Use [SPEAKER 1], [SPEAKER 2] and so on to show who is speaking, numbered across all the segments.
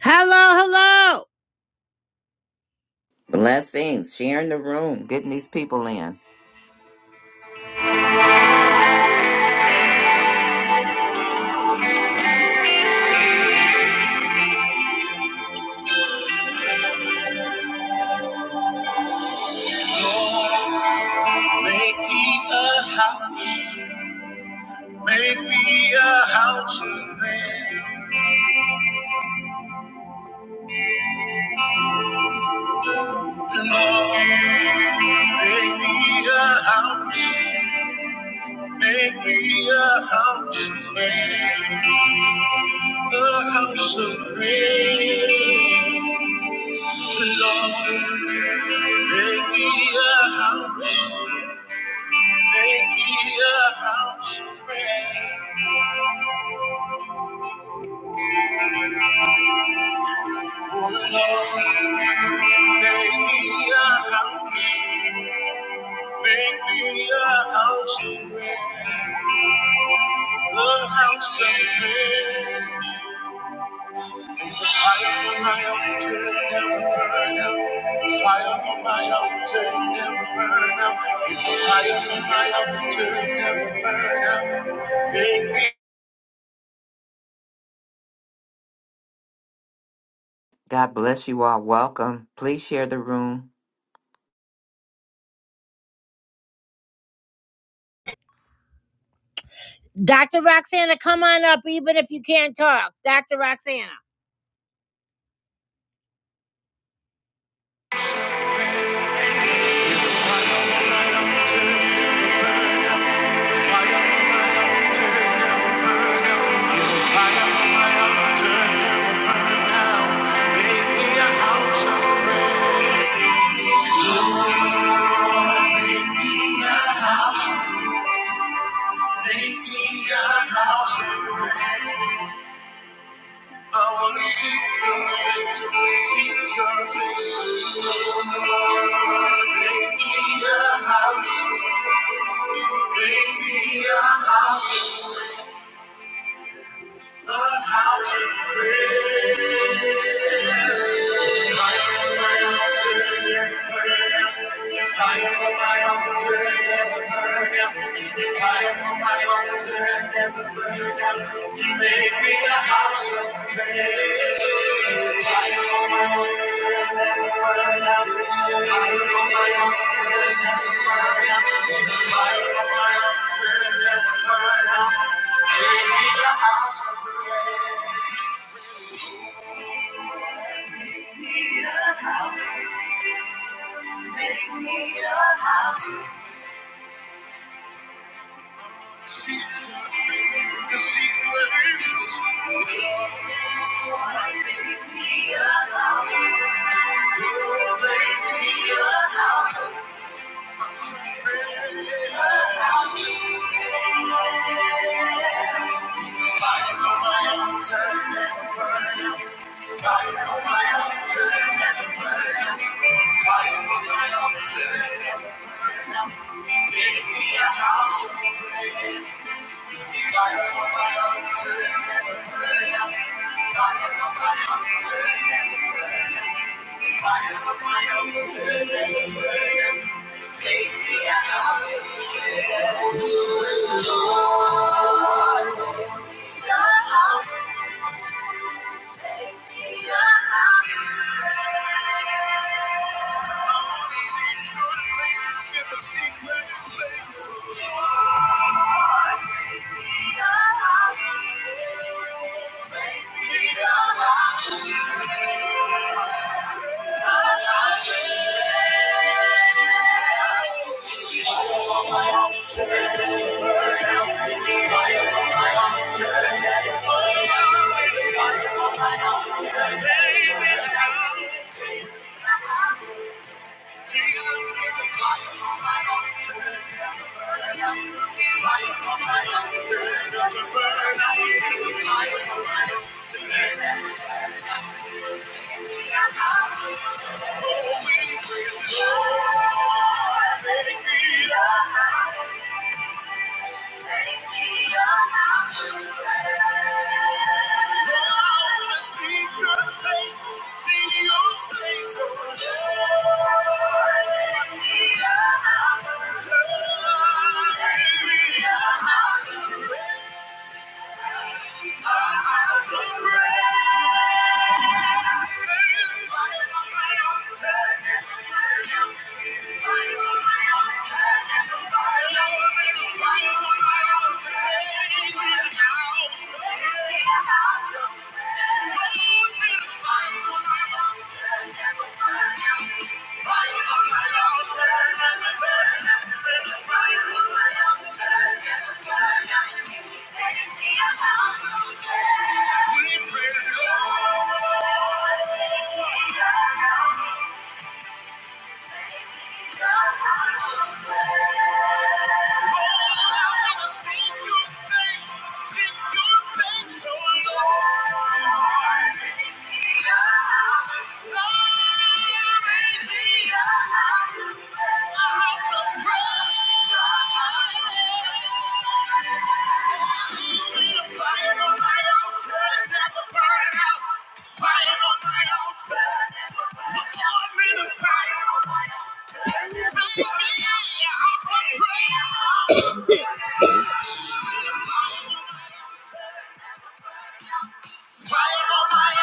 [SPEAKER 1] Hello, hello.
[SPEAKER 2] Blessings. Sharing the room. Getting these people in.
[SPEAKER 1] Make me a house, make me a house of prayer. Lord, make me a house, make me a house of prayer. A house of prayer. Lord, make me a house, make me a house of prayer. Oh Lord, make me a house. Make me a house of prayer, a house of prayer. May the fire on my altar never burn out. The Fire on my altar never burn out. May the fire on my altar never burn out. Make me.
[SPEAKER 2] God bless you all. Welcome. Please share the room.
[SPEAKER 1] Dr. Roxana, come on up, even if you can't talk. Dr. Roxana. I wanna see your face, see your face. Make me a house. Make me a house, a house of prayer. Fire on my altar, never burn out. Fire on my altar, never burn out. Fire on my altar, never burn out. Make me a house of prayer. Fire on my altar, never burn out. Fire on my altar, never burn out. Fire on my altar, never burn out. House. Fire on my altar, never burn out. Fire on my altar, never burn out. Fire on my altar, never burn out. Build me a house of prayer. Fire on my altar, never burn out. I wanna see your face in the secret place. Baby, I'm Jesus with the fire on my altar, never burn out. Fire on my altar, never burn out. Jesus, fire on my altar, never burn out. Oh, we will go, make baby, yeah. Thank you. We pray, Lord. turn on me. Lord, Yeah. Fire on my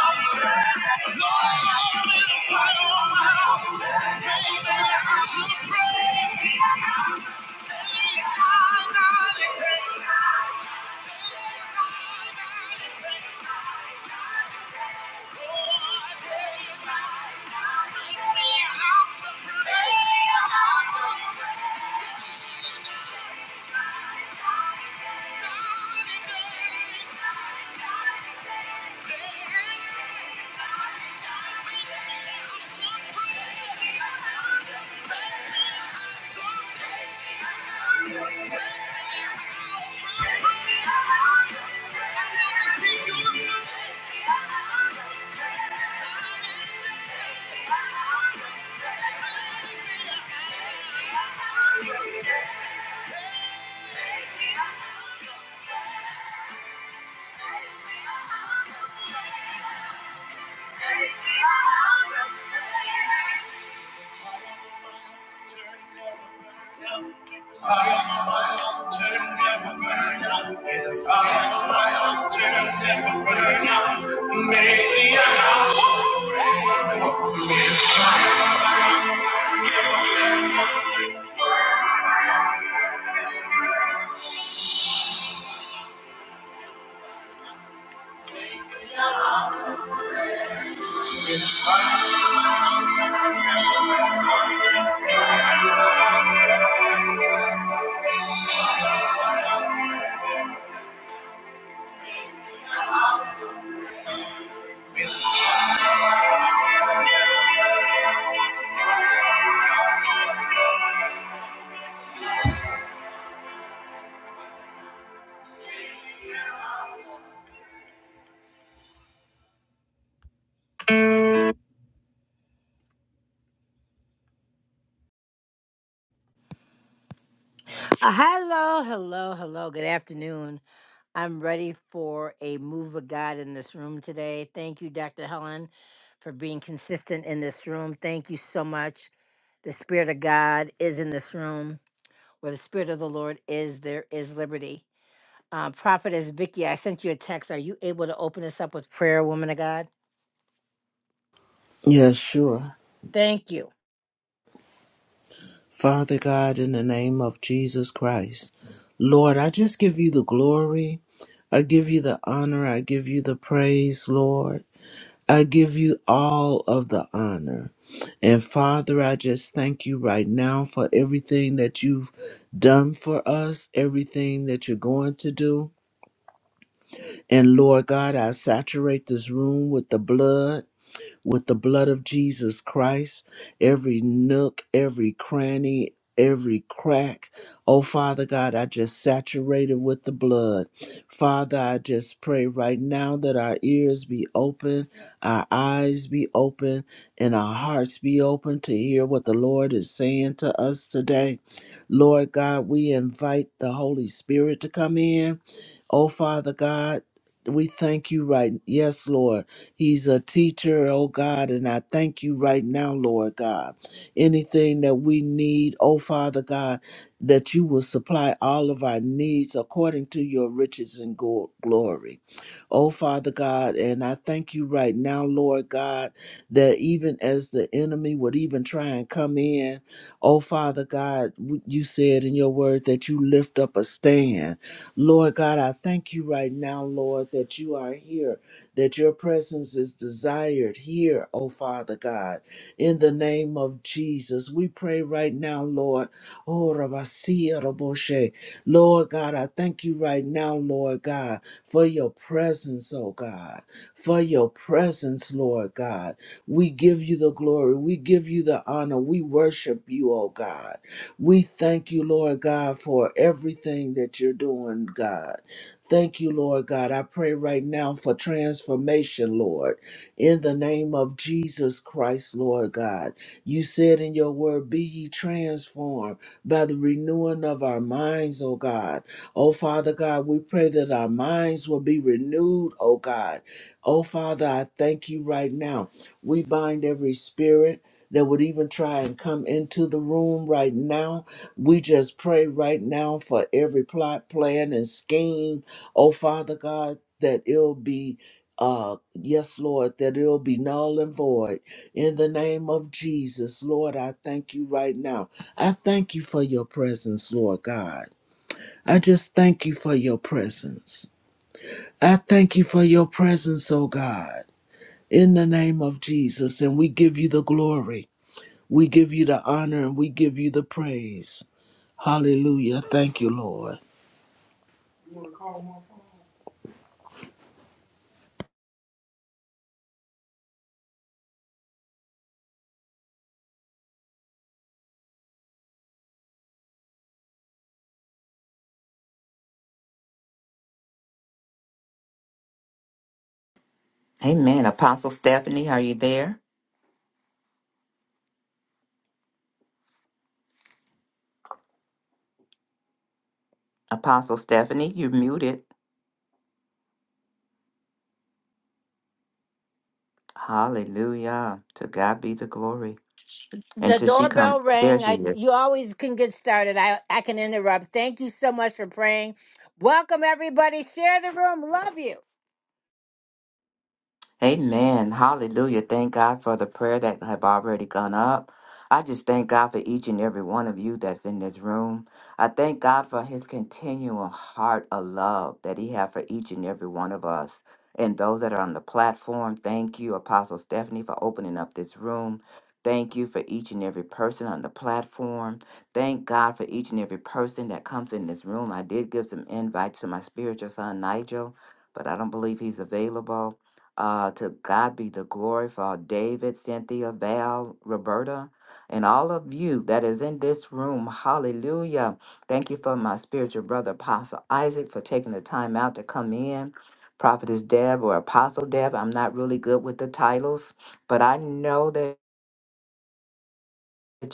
[SPEAKER 1] altar! Thank you. Thank you. Fire of my mountain never burn out. May the fire of my mountain never burn out. May the house of my Uh, Hello, hello, hello. Good afternoon. I'm ready for a move of God in this room today. Thank you, Dr. Helen, for being consistent in this room. Thank you so much. The Spirit of God is in this room. Where the Spirit of the Lord is, there is liberty. Uh, Prophetess Vicky, I sent you a text. Are you able to open us up with prayer, woman of God?
[SPEAKER 3] Yeah, sure.
[SPEAKER 1] Thank you.
[SPEAKER 3] Father God, in the name of Jesus Christ, Lord, I just give you the glory. I give you the honor. I give you the praise, Lord. I give you all of the honor. And Father, I just thank you right now for everything that you've done for us, everything that you're going to do. And Lord God, I saturate this room with the blood. with the blood of Jesus Christ, every nook, every cranny, every crack. Oh, Father God, I just saturated with the blood. Father, I just pray right now that our ears be open, our eyes be open, and our hearts be open to hear what the Lord is saying to us today. Lord God, we invite the Holy Spirit to come in. Oh, Father God, we thank you right. Yes, Lord. He's a teacher, oh God, and I thank you right now, Lord God. Anything that we need, oh Father God, that you will supply all of our needs according to your riches and go- glory. Oh Father God, and I thank you right now, Lord God, that even as the enemy would even try and come in, oh Father God, you said in your word that you lift up a stand. Lord God, I thank you right now, Lord, that you are here, that your presence is desired here, oh Father God. In the name of Jesus, we pray right now, Lord. Oh, Rabasia Raboshe. Lord God, I thank you right now, Lord God, for your presence, oh God, for your presence, Lord God. We give you the glory. We give you the honor. We worship you, oh God. We thank you, Lord God, for everything that you're doing, God. Thank you, Lord God. I pray right now for transformation, Lord, in the name of Jesus Christ, Lord God. You said in your word, Be ye transformed by the renewing of our minds, O God. O Father God, we pray that our minds will be renewed, O God. O Father, I thank you right now. We bind every spirit that would even try and come into the room right now. We just pray right now for every plot, plan, and scheme. Oh, Father God, that it'll be, uh, yes, Lord, that it'll be null and void. In the name of Jesus, Lord, I thank you right now. I thank you for your presence, Lord God. I just thank you for your presence. I thank you for your presence, oh God, in the name of Jesus, and we give you the glory. We give you the honor and we give you the praise. Hallelujah. Thank you, Lord.
[SPEAKER 2] Amen. Apostle Stephanie, are you there? Apostle Stephanie, you're muted. Hallelujah. To God be the glory.
[SPEAKER 1] The
[SPEAKER 2] Until she comes.
[SPEAKER 1] doorbell
[SPEAKER 2] There
[SPEAKER 1] rang.
[SPEAKER 2] she
[SPEAKER 1] I,
[SPEAKER 2] is.
[SPEAKER 1] you always can get started. I, I can interrupt. Thank you so much for praying. Welcome, everybody. Share the room. Love you.
[SPEAKER 2] Amen. Hallelujah. Thank God for the prayer that have already gone up. I just thank God for each and every one of you that's in this room. I thank God for his continual heart of love that he has for each and every one of us. And those that are on the platform, thank you, Apostle Stephanie, for opening up this room. Thank you for each and every person on the platform. Thank God for each and every person that comes in this room. I did give some invites to my spiritual son, Nigel, but I don't believe he's available. Uh, to God be the glory for all David, Cynthia, Val, Roberta, and all of you that is in this room. Hallelujah. Thank you for my spiritual brother, Apostle Isaac, for taking the time out to come in. Prophetess Deb or Apostle Deb, I'm not really good with the titles, but I know that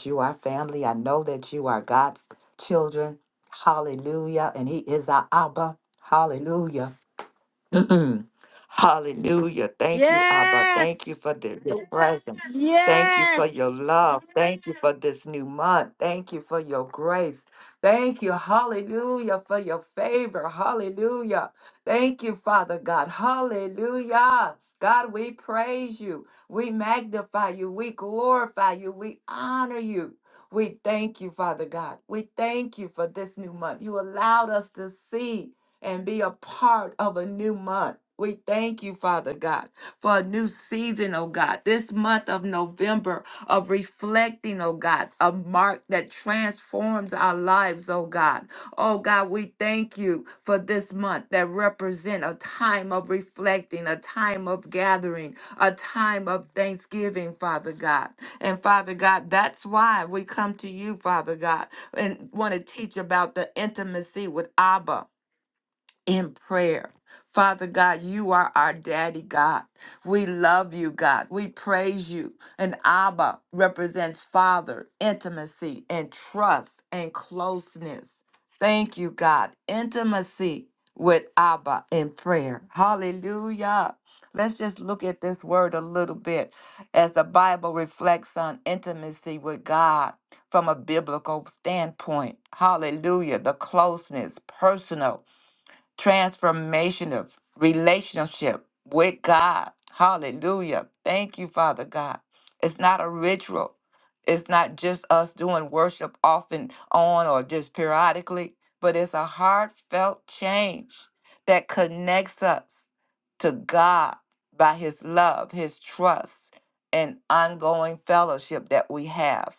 [SPEAKER 2] you are family. I know that you are God's children. Hallelujah. And He is our Abba. Hallelujah. Mm-mm. Hallelujah. Thank you, Abba.
[SPEAKER 1] Yes.
[SPEAKER 2] Thank you for the, your presence. Thank you for
[SPEAKER 1] Yes,
[SPEAKER 2] your love. Thank you for this new month. Thank you for your grace. Thank you, hallelujah, for your favor. Hallelujah. Thank you, Father God. Hallelujah. God, we praise you. We magnify you. We glorify you. We honor you. We thank you, Father God. We thank you for this new month. You allowed us to see and be a part of a new month. We thank you, Father God, for a new season, oh God. This month of November of reflecting, oh God, a mark that transforms our lives, oh God. Oh God, we thank you for this month that represent a time of reflecting, a time of gathering, a time of thanksgiving, Father God. And Father God, that's why we come to you, Father God, and want to teach about the intimacy with Abba in prayer. Father God, you are our daddy, God. We love you, God. We praise you. And Abba represents father, intimacy, and trust and closeness. Thank you, God. Intimacy with Abba in prayer. Hallelujah. Let's just look at this word a little bit as the Bible reflects on intimacy with God from a biblical standpoint. Hallelujah. The closeness, personal transformational relationship with God. Hallelujah. Thank you, Father God. It's not a ritual. It's not just us doing worship off and on or just periodically, but it's a heartfelt change that connects us to God by his love, his trust, and ongoing fellowship that we have.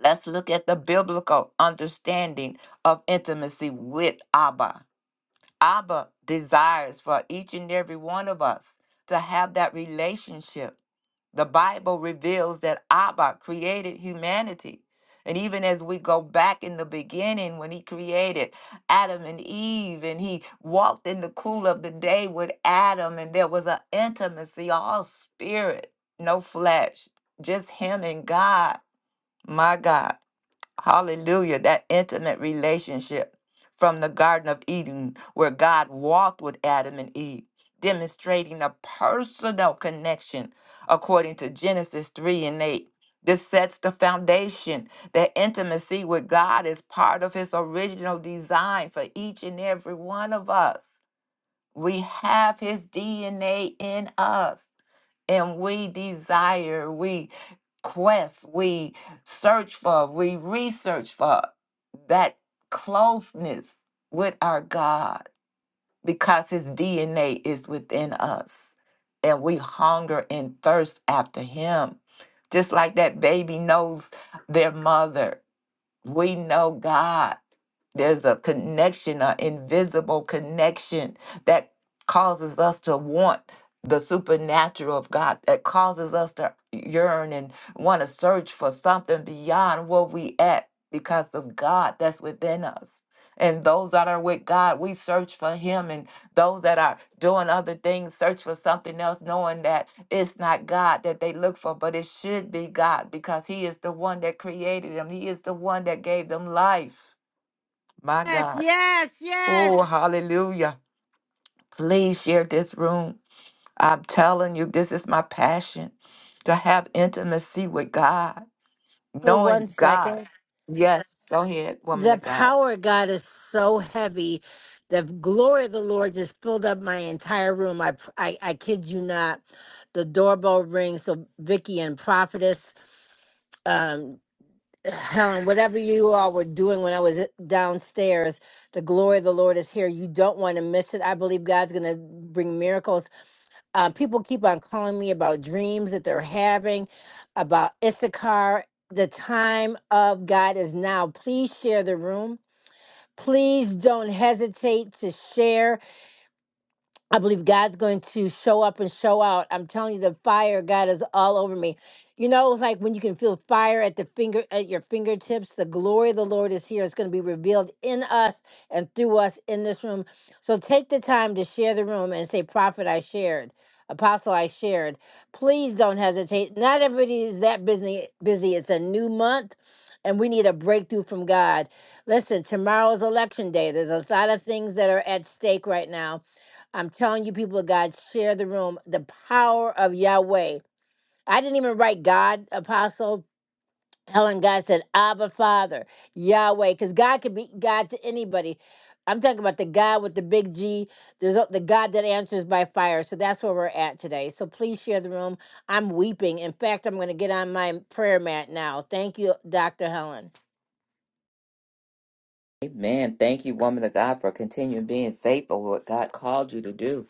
[SPEAKER 2] Let's look at the biblical understanding of intimacy with Abba. Abba desires for each and every one of us to have that relationship. The Bible reveals that Abba created humanity. And even as we go back in the beginning, when he created Adam and Eve, and he walked in the cool of the day with Adam, and there was an intimacy, all spirit, no flesh, just him and God. My God. Hallelujah. That intimate relationship from the Garden of Eden where God walked with Adam and Eve, demonstrating a personal connection according to Genesis 3 and 8. This sets the foundation that intimacy with God is part of His original design for each and every one of us. We have His DNA in us and we desire, we quest, we search for, we research for that closeness with our God because his DNA is within us and we hunger and thirst after him. Just like that baby knows their mother, we know God there's a connection, an invisible connection that causes us to want the supernatural of God, that causes us to yearn and want to search for something beyond where we at because of God that's within us. And those that are with God, we search for Him. And those that are doing other things, search for something else, knowing that it's not God that they look for, but it should be God because He is the one that created them. He is the one that gave them life. My
[SPEAKER 1] yes,
[SPEAKER 2] God.
[SPEAKER 1] yes, yes.
[SPEAKER 2] Oh, hallelujah. Please share this room. I'm telling you, this is my passion to have intimacy with God,
[SPEAKER 1] For one
[SPEAKER 2] knowing God.
[SPEAKER 1] second,
[SPEAKER 2] Yes, go ahead, woman
[SPEAKER 1] the
[SPEAKER 2] of God.
[SPEAKER 1] power of God is so heavy. The glory of the Lord just filled up my entire room. I, I, I kid you not. The doorbell rings. So Vicky and Prophetess, um, Helen, whatever you all were doing when I was downstairs, the glory of the Lord is here. You don't want to miss it. I believe God's going to bring miracles Uh, people keep on calling me about dreams that they're having, about Issachar. The time of God is now. Please share the room. Please don't hesitate to share I believe God's going to show up and show out. I'm telling you, the fire of God is all over me. You know, it's like when you can feel fire at the finger at your fingertips, the glory of the Lord is here. It's going to be revealed in us and through us in this room. So take the time to share the room and say, Prophet, I shared. Apostle, I shared. Please don't hesitate. Not everybody is that busy busy. It's a new month and we need a breakthrough from God. Listen, tomorrow's election day. There's a lot of things that are at stake right now I'm telling you, people of God, share the room. The power of Yahweh. I didn't even write God, Apostle Helen. God said, Abba, Father, Yahweh, because God can be God to anybody. I'm talking about the God with the big G, There's a- the God that answers by fire. So that's where we're at today. So please share the room. I'm weeping. In fact, I'm going to get on my prayer mat now. Thank you, Dr. Helen.
[SPEAKER 2] Amen. Thank you, woman of God, for continuing being faithful with what God called you to do.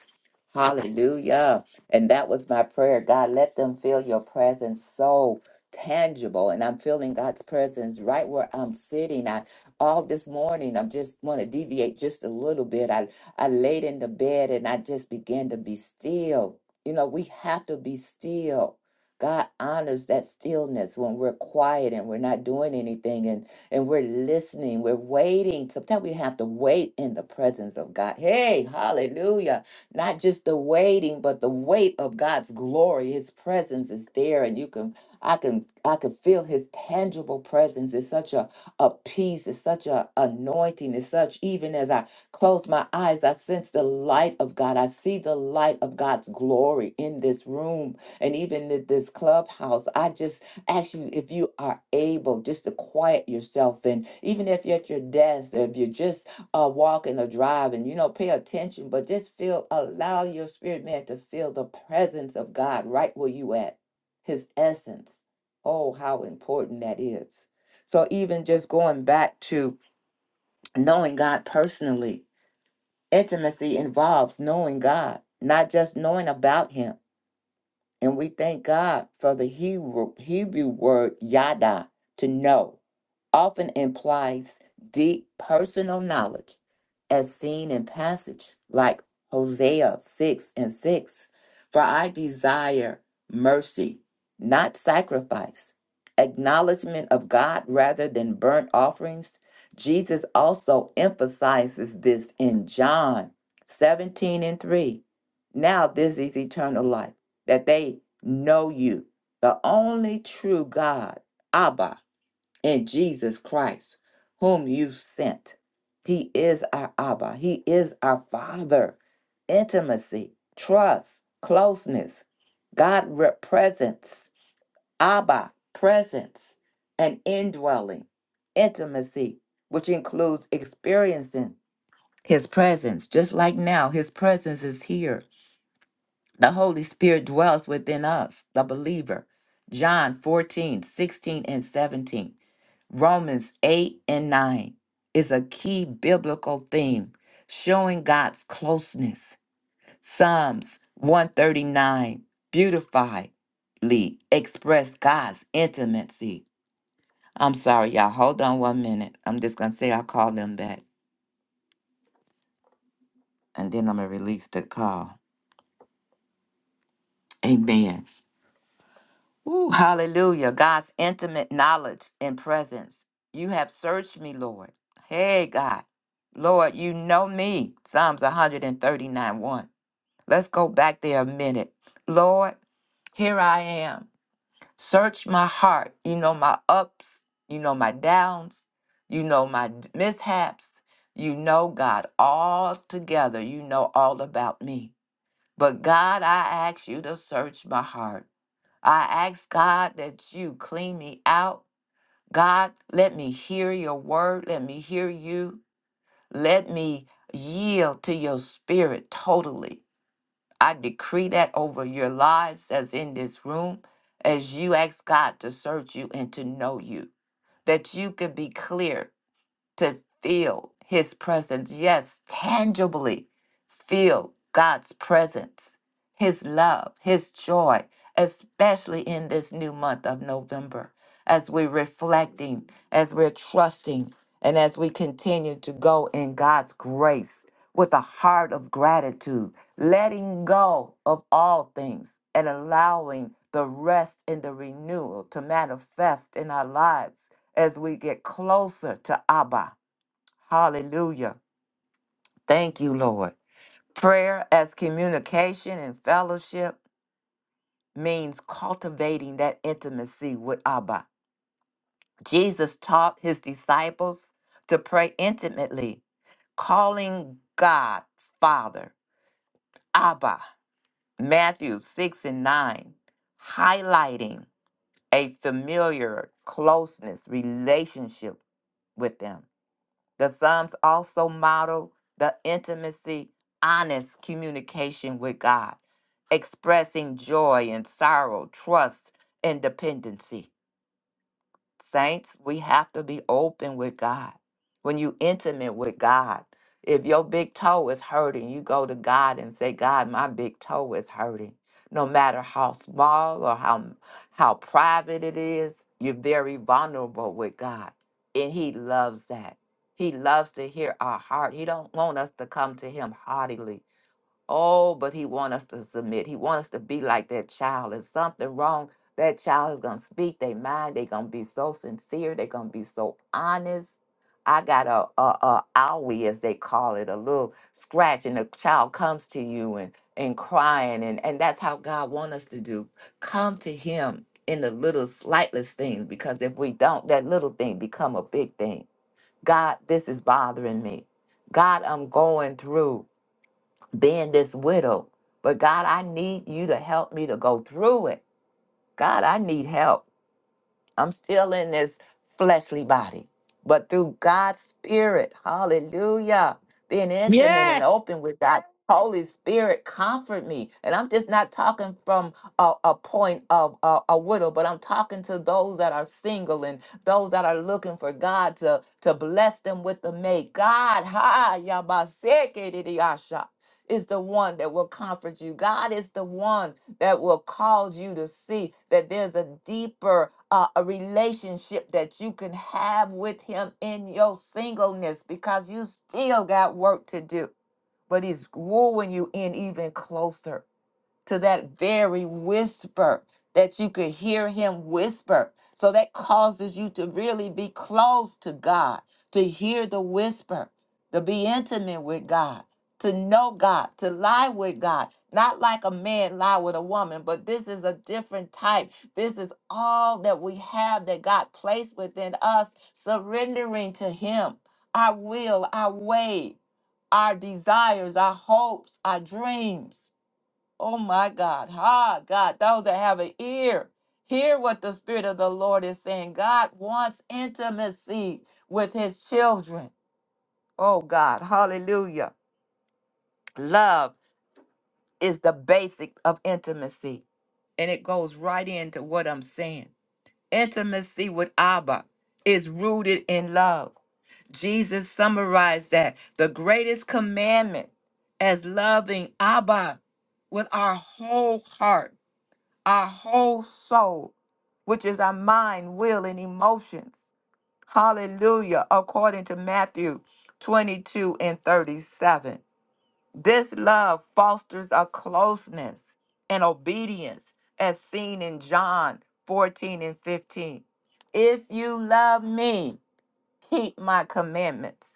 [SPEAKER 2] Hallelujah. And that was my prayer. God, let them feel your presence so tangible. And I'm feeling God's presence right where I'm sitting. I all this morning I'm just want to deviate just a little bit. I I laid in the bed and I just began to be still. You know, we have to be still. God honors that stillness when we're quiet and we're not doing anything. And and we're listening, we're waiting. Sometimes we have to wait in the presence of God. Hey, hallelujah. Not just the waiting, but the weight of God's glory. His presence is there and you can I can I can feel his tangible presence. It's such a, a peace, it's such a anointing, it's such even as I close my eyes, I sense the light of God. I see the light of God's glory in this room and even in this clubhouse. I just ask you if you are able just to quiet yourself and even if you're at your desk or if you're just uh, walking or driving you know pay attention but just feel allow your spirit man to feel the presence of god right where you at his essence oh how important that is so even just going back to knowing god personally intimacy involves knowing god not just knowing about him and we thank God for the Hebrew, Hebrew word yada, to know, often implies deep personal knowledge, as seen in passage like Hosea 6 and 6. For I desire mercy, not sacrifice, acknowledgement of God rather than burnt offerings. Jesus also emphasizes this in John 17 and 3. Now this is eternal life that they know you, the only true God, Abba, in Jesus Christ, whom you sent. He is our Abba. He is our Father. Intimacy, trust, closeness, God presence, Abba presence, and indwelling, intimacy, which includes experiencing His presence. Just like now, His presence is here the Holy Spirit dwells within us, the believer. John 14 16 and 17. Romans 8 and 9 is a key biblical theme showing God's closeness. Psalms 139 beautifully express God's intimacy. I'm sorry, y'all. Hold on one minute. I'm just going to say I'll call them back and then I'm going to release the call. Amen. Ooh, hallelujah. God's intimate knowledge and presence. You have searched me, Lord. Hey, God. Lord, you know me. Psalms 139 1. Let's go back there a minute. Lord, here I am. Search my heart. You know my ups. You know my downs. You know my d- mishaps. You know, God, all together. You know all about me. But God, I ask you to search my heart. I ask God that you clean me out. God, let me hear your word. Let me hear you. Let me yield to your spirit totally. I decree that over your lives as in this room, as you ask God to search you and to know you, that you could be clear to feel his presence. Yes, tangibly feel God's presence, his love, his joy, especially in this new month of November as we're reflecting, as we're trusting, and as we continue to go in God's grace with a heart of gratitude, letting go of all things and allowing the rest and the renewal to manifest in our lives as we get closer to Abba. Hallelujah. Thank you, Lord. Prayer as communication and fellowship means cultivating that intimacy with Abba Jesus taught his disciples to pray intimately, calling God Father, Abba, Matthew 6 and 9, highlighting a familiar closeness relationship with them. The Psalms also model the intimacy, honest communication with God, expressing joy and sorrow, trust and dependency. Saints, we have to be open with God. When you intimate with God, if your big toe is hurting, you go to God and say, God, my big toe is hurting. No matter how small or how how private it is, you're very vulnerable with God. And he loves that. He loves to hear our heart. He don't want us to come to him haughtily. Oh, but he wants us to submit. He wants us to be like that child. If something wrong, that child is gonna speak their mind. They're gonna be so sincere. They're gonna be so honest. I got a, a, a owie, as they call it, a little scratch, and the child comes to you and and crying, and and that's how God wants us to do. Come to Him in the little slightless things, because if we don't, that little thing become a big thing. God, this is bothering me. God, I'm going through being this widow. But God, I need you to help me to go through it. God, I need help. I'm still in this fleshly body, but through God's Spirit, hallelujah, being intimate and
[SPEAKER 1] Yes.
[SPEAKER 2] open with God, Holy Spirit, comfort me. And I'm just not talking from a, a point of a, a widow, but I'm talking to those that are single and those that are looking for God to, to bless them with the mate. God, ha, yabaseke, didiyasha, is the one that will comfort you. God is the one that will cause you to see that there's a deeper uh, a relationship that you can have with him in your singleness because you still got work to do but he's wooing you in even closer to that very whisper that you could hear him whisper. So that causes you to really be close to God, to hear the whisper, to be intimate with God, to know God, to lie with God. Not like a man lie with a woman, but this is a different type. This is all that we have that God placed within us, surrendering to him our will, our way, our desires, our hopes, our dreams Oh my God. Ha, God. Those that have an ear, hear what the Spirit of the Lord is saying. God wants intimacy with his children. Oh God. Hallelujah. Love is the basic of intimacy. And it goes right into what I'm saying. Intimacy with Abba is rooted in love. Jesus summarized that the greatest commandment as loving Abba with our whole heart our whole soul, which is our mind, will, and emotions. Hallelujah, according to Matthew 22 and 37. This love fosters a closeness and obedience as seen in John 14 and 15. If you love me, keep my commandments.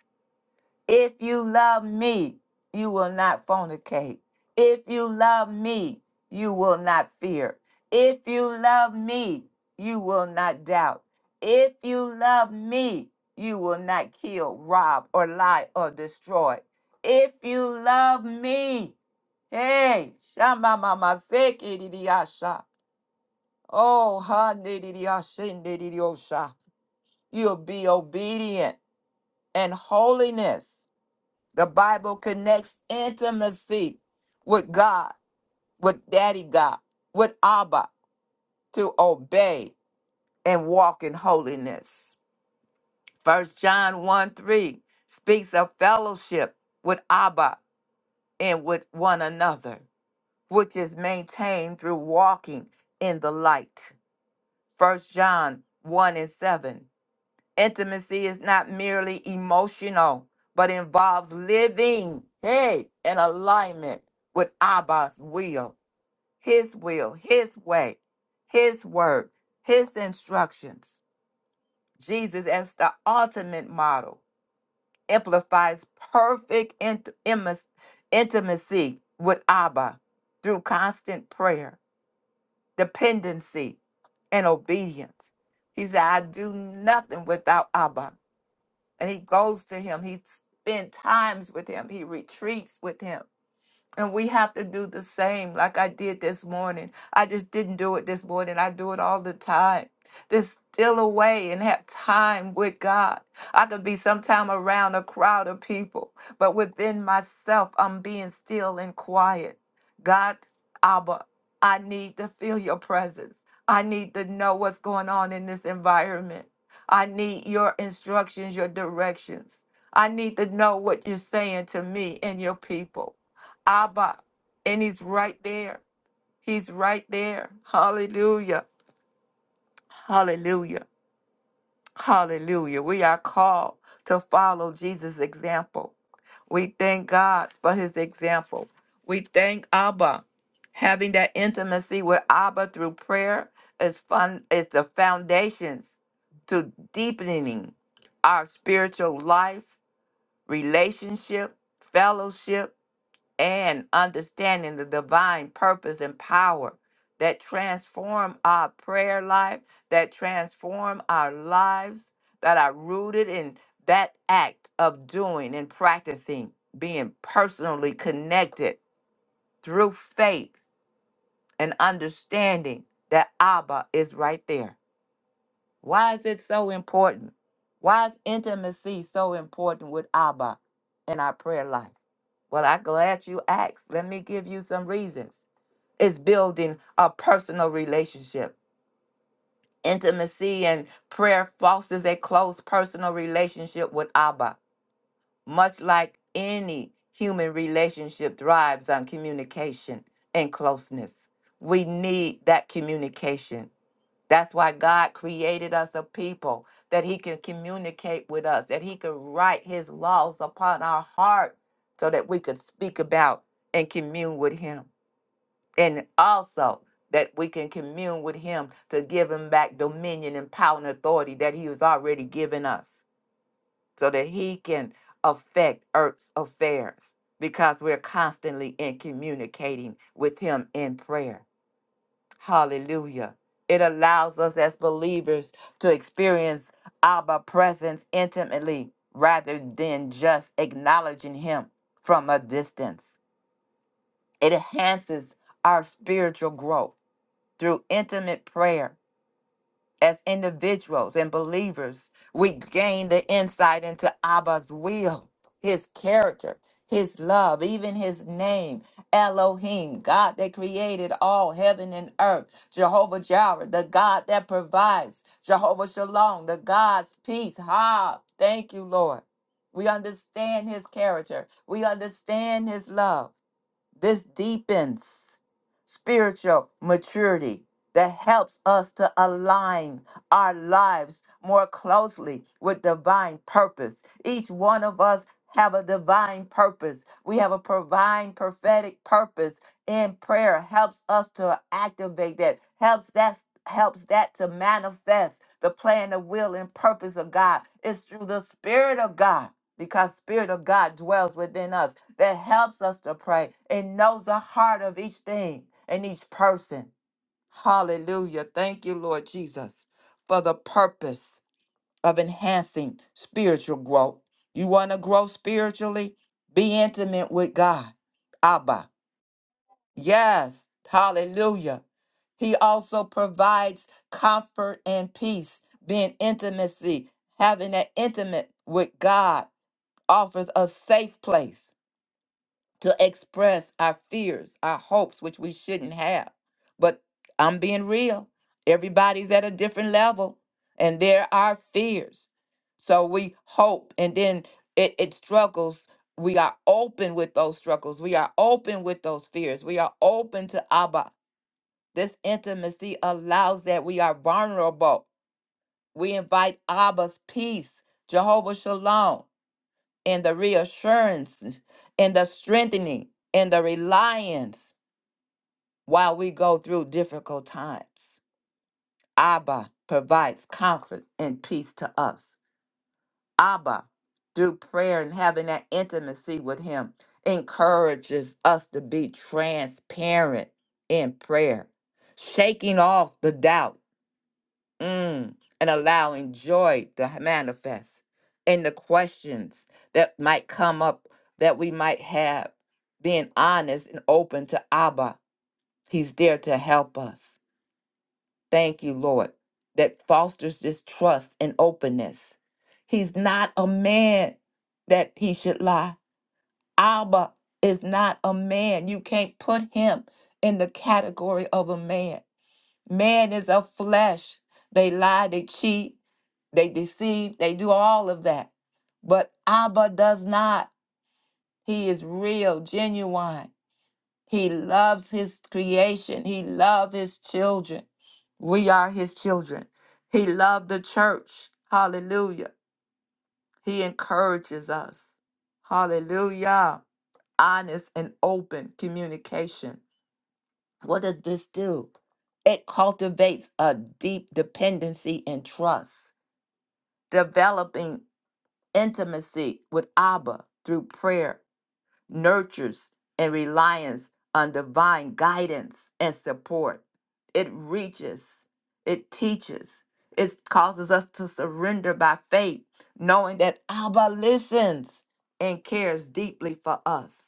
[SPEAKER 2] If you love me, you will not fornicate. If you love me, you will not fear. If you love me, you will not doubt. If you love me, you will not kill, rob, or lie, or destroy. If you love me, hey, shama mama sekiriasha. Oh, ha nidiya shindidiosha. You'll be obedient and holiness. The Bible connects intimacy with God, with Daddy God, with Abba to obey and walk in holiness. First John 1 3 speaks of fellowship with Abba and with one another, which is maintained through walking in the light. First John 1 and 7 Intimacy is not merely emotional, but involves living, hey, in alignment with Abba's will, his will, his way, his word, his instructions. Jesus, as the ultimate model, amplifies perfect int- imis- intimacy with Abba through constant prayer, dependency, and obedience. He said, I do nothing without Abba. and he goes to him. He spends times with him. He retreats with him. And we have to do the same, like I did this morning. I just didn't do it this morning. I do it all the time. There's still away and have time with God. I could be sometime around a crowd of people, but within myself, I'm being still and quiet. God, Abba, I need to feel your presence. I need to know what's going on in this environment. I need your instructions, your directions. I need to know what you're saying to me and your people. Abba. And he's right there. He's right there. Hallelujah. Hallelujah. Hallelujah. We are called to follow Jesus' example. We thank God for his example. We thank Abba. Having that intimacy with Abba through prayer is fun is the foundations to deepening our spiritual life, relationship, fellowship, and understanding the divine purpose and power that transform our prayer life, that transform our lives, that are rooted in that act of doing and practicing, being personally connected through faith and understanding that Abba is right there why is it so important? Why is intimacy so important with Abba in our prayer life? Well, I'm glad you asked. Let me give you some reasons. It's building a personal relationship. Intimacy and prayer fosters a close personal relationship with Abba, much like any human relationship thrives on communication and closeness. We need that communication that's why God created us a people that He can communicate with us, that He could write His laws upon our heart so that we could speak about and commune with Him. And also that we can commune with Him to give Him back dominion and power and authority that He has already given us so that He can affect earth's affairs because we're constantly in communicating with Him in prayer. Hallelujah. It allows us as believers to experience Abba presence intimately rather than just acknowledging him from a distance. It enhances our spiritual growth through intimate prayer as individuals and believers, we gain the insight into Abba's will, his character, his love, even his name, Elohim, God that created all heaven and earth, Jehovah Jireh, the God that provides, Jehovah Shalom, the God's peace. Ha! Thank you, Lord. We understand his character. We understand his love. This deepens spiritual maturity that helps us to align our lives more closely with divine purpose. Each one of us have a divine purpose. We have a divine prophetic purpose in prayer helps us to activate that. Helps that helps that to manifest the plan, the will, and purpose of God. It's through the Spirit of God because Spirit of God dwells within us that helps us to pray and knows the heart of each thing and each person. Hallelujah. Thank you, Lord Jesus, for the purpose of enhancing spiritual growth. You want to grow spiritually? Be intimate with God. Abba. Yes, hallelujah. He also provides comfort and peace, being intimacy, having that intimate with God offers a safe place to express our fears, our hopes, which we shouldn't have. But I'm being real. Everybody's at a different level, and there are fears. So we hope, and then it, it struggles. We are open with those struggles. We are open with those fears. We are open to Abba. This intimacy allows that we are vulnerable. We invite Abba's peace, Jehovah Shalom and the reassurance and the strengthening and the reliance while we go through difficult times. Abba provides comfort and peace to us. Abba, through prayer and having that intimacy with Him, encourages us to be transparent in prayer, shaking off the doubts Mm, and allowing joy to h- manifest in the questions that might come up that we might have. Being honest and open to Abba, He's there to help us. Thank you, Lord, that fosters this trust and openness. He's not a man that he should lie. Abba is not a man. You can't put him in the category of a man. Man is of flesh. They lie, they cheat, they deceive, they do all of that. But Abba does not. He is real, genuine. He loves his creation, he loves his children. We are his children. He loved the church. Hallelujah. He encourages us. Hallelujah. Honest and open communication. What does this do? It cultivates a deep dependency and trust, developing intimacy with Abba through prayer, nurtures and reliance on divine guidance and support. It reaches, it teaches, it causes us to surrender by faith, knowing that Abba listens and cares deeply for us.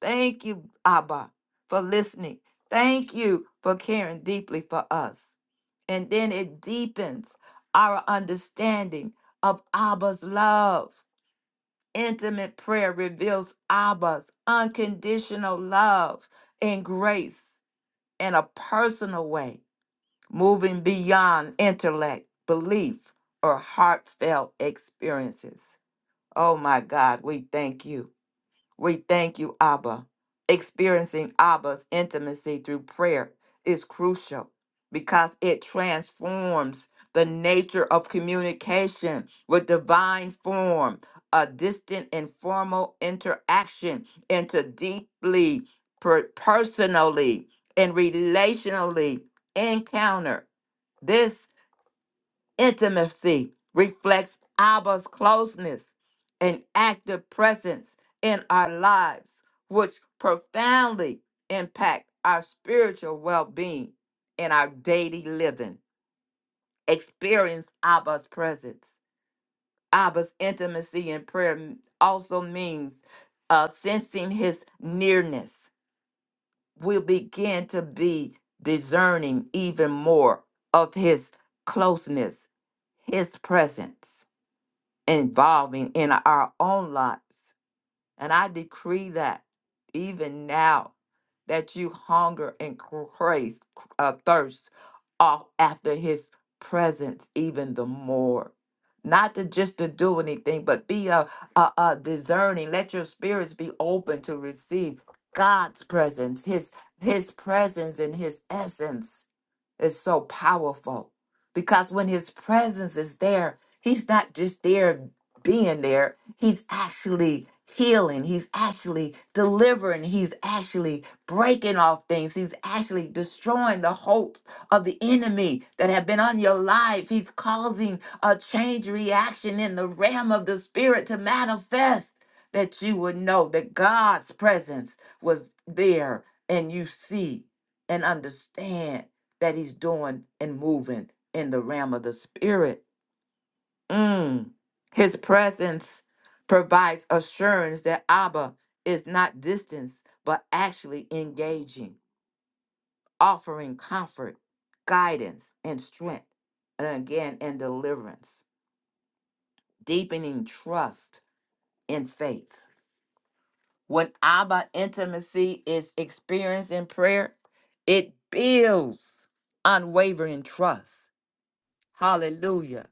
[SPEAKER 2] Thank you, Abba, for listening. Thank you for caring deeply for us. And then it deepens our understanding of Abba's love. Intimate prayer reveals Abba's unconditional love and grace in a personal way, moving beyond intellect, belief, or heartfelt experiences. Oh my God, we thank you. We thank you, Abba. Experiencing Abba's intimacy through prayer is crucial because it transforms the nature of communication with divine form, a distant and formal interaction, into deeply per- personally and relationally encounter. This Intimacy reflects Abba's closeness and active presence in our lives, which profoundly impact our spiritual well being and our daily living. Experience Abba's presence. Abba's intimacy in prayer m- also means uh, sensing his nearness. We'll begin to be discerning even more of his closeness, his presence involving in our own lives. And I decree that even now that you hunger and craze, uh, thirst off after his presence even the more. Not to just to do anything, but be a, a, a discerning. Let your spirits be open to receive God's presence, his his presence and his essence is so powerful because when his presence is there, he's not just there being there, he's actually healing, he's actually delivering, he's actually breaking off things, he's actually destroying the hopes of the enemy that have been on your life. He's causing a change reaction in the realm of the spirit to manifest that you would know that God's presence was there and you see and understand that he's doing and moving in the realm of the spirit. Mm. His presence provides assurance that Abba is not distance, but actually engaging, offering comfort, guidance, and strength, and again, and deliverance, deepening trust and faith. When Abba intimacy is experienced in prayer, it builds unwavering trust Hallelujah.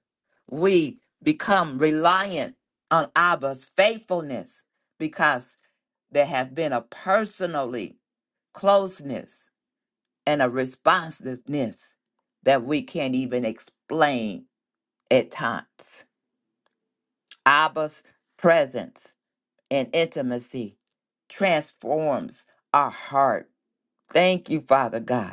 [SPEAKER 2] We become reliant on Abba's faithfulness because there have been a personally closeness and a responsiveness that we can't even explain at times. Abba's presence and intimacy transforms our heart. Thank you, Father God.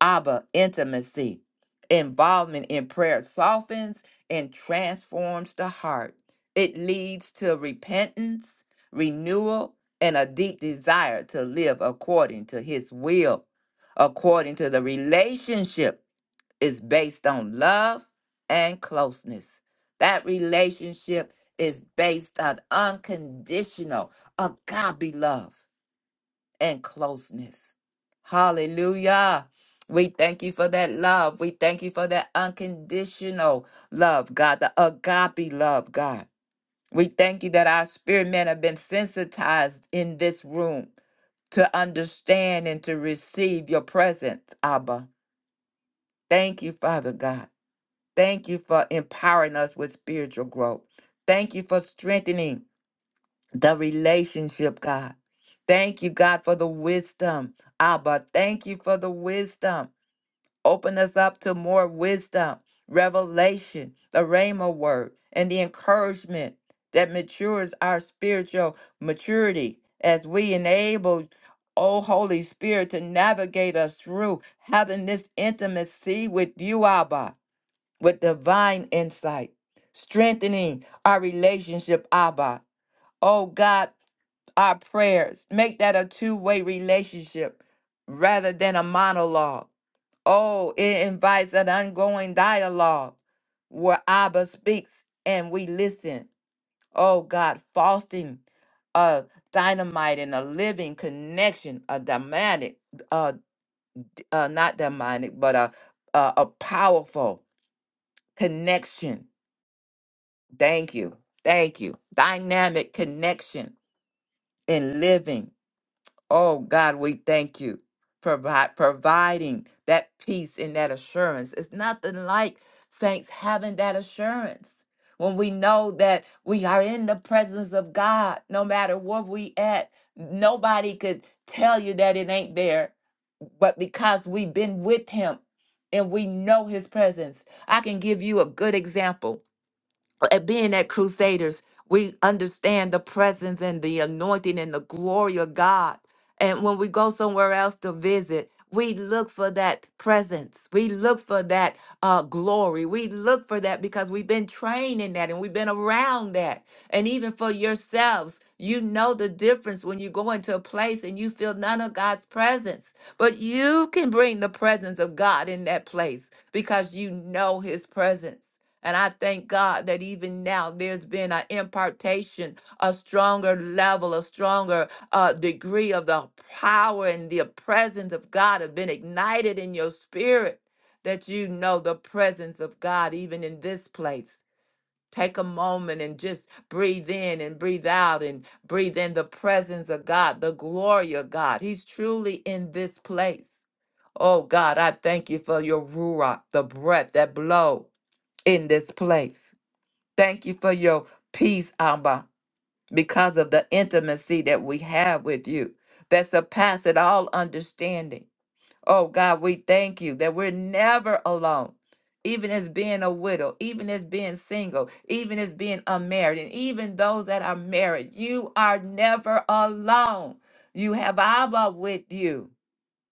[SPEAKER 2] Abba, intimacy, involvement in prayer softens and transforms the heart. It leads to repentance, renewal, and a deep desire to live according to his will. According to the relationship is based on love and closeness. That relationship is based on unconditional agape love and closeness. Hallelujah. We thank you for that love. We thank you for that unconditional love, God, the agape love, God. We thank you that our spirit men have been sensitized in this room to understand and to receive your presence, Abba. Thank you, Father God. Thank you for empowering us with spiritual growth. Thank you for strengthening the relationship, God. Thank you, God, for the wisdom. Abba, thank you for the wisdom. Open us up to more wisdom, revelation, the Rhema word, and the encouragement that matures our spiritual maturity as we enable, oh Holy Spirit, to navigate us through having this intimacy with you, Abba, with divine insight, strengthening our relationship, Abba. Oh God, our prayers. Make that a two way relationship rather than a monologue. Oh, it invites an ongoing dialogue where Abba speaks and we listen. Oh, God, fostering a dynamite and a living connection, a dynamic, uh, d- uh, not dynamic, but a, a, a powerful connection. Thank you. Thank you. Dynamic connection and living. Oh God, we thank you for provi- providing that peace and that assurance. It's nothing like saints having that assurance when we know that we are in the presence of God, no matter where we at. Nobody could tell you that it ain't there, but because we've been with Him and we know His presence, I can give you a good example at being at Crusaders, we understand the presence and the anointing and the glory of God. And when we go somewhere else to visit, we look for that presence. We look for that uh, glory. We look for that because we've been trained in that and we've been around that. And even for yourselves, you know the difference when you go into a place and you feel none of God's presence. But you can bring the presence of God in that place because you know his presence. And I thank God that even now there's been an impartation, a stronger level, a stronger uh, degree of the power and the presence of God have been ignited in your spirit that you know the presence of God even in this place. Take a moment and just breathe in and breathe out and breathe in the presence of God, the glory of God. He's truly in this place. Oh God, I thank you for your ruach, the breath that blow in this place. Thank you for your peace, Abba, because of the intimacy that we have with you that surpasses all understanding. Oh God, we thank you that we're never alone. Even as being a widow, even as being single, even as being unmarried, and even those that are married, you are never alone. You have Abba with you.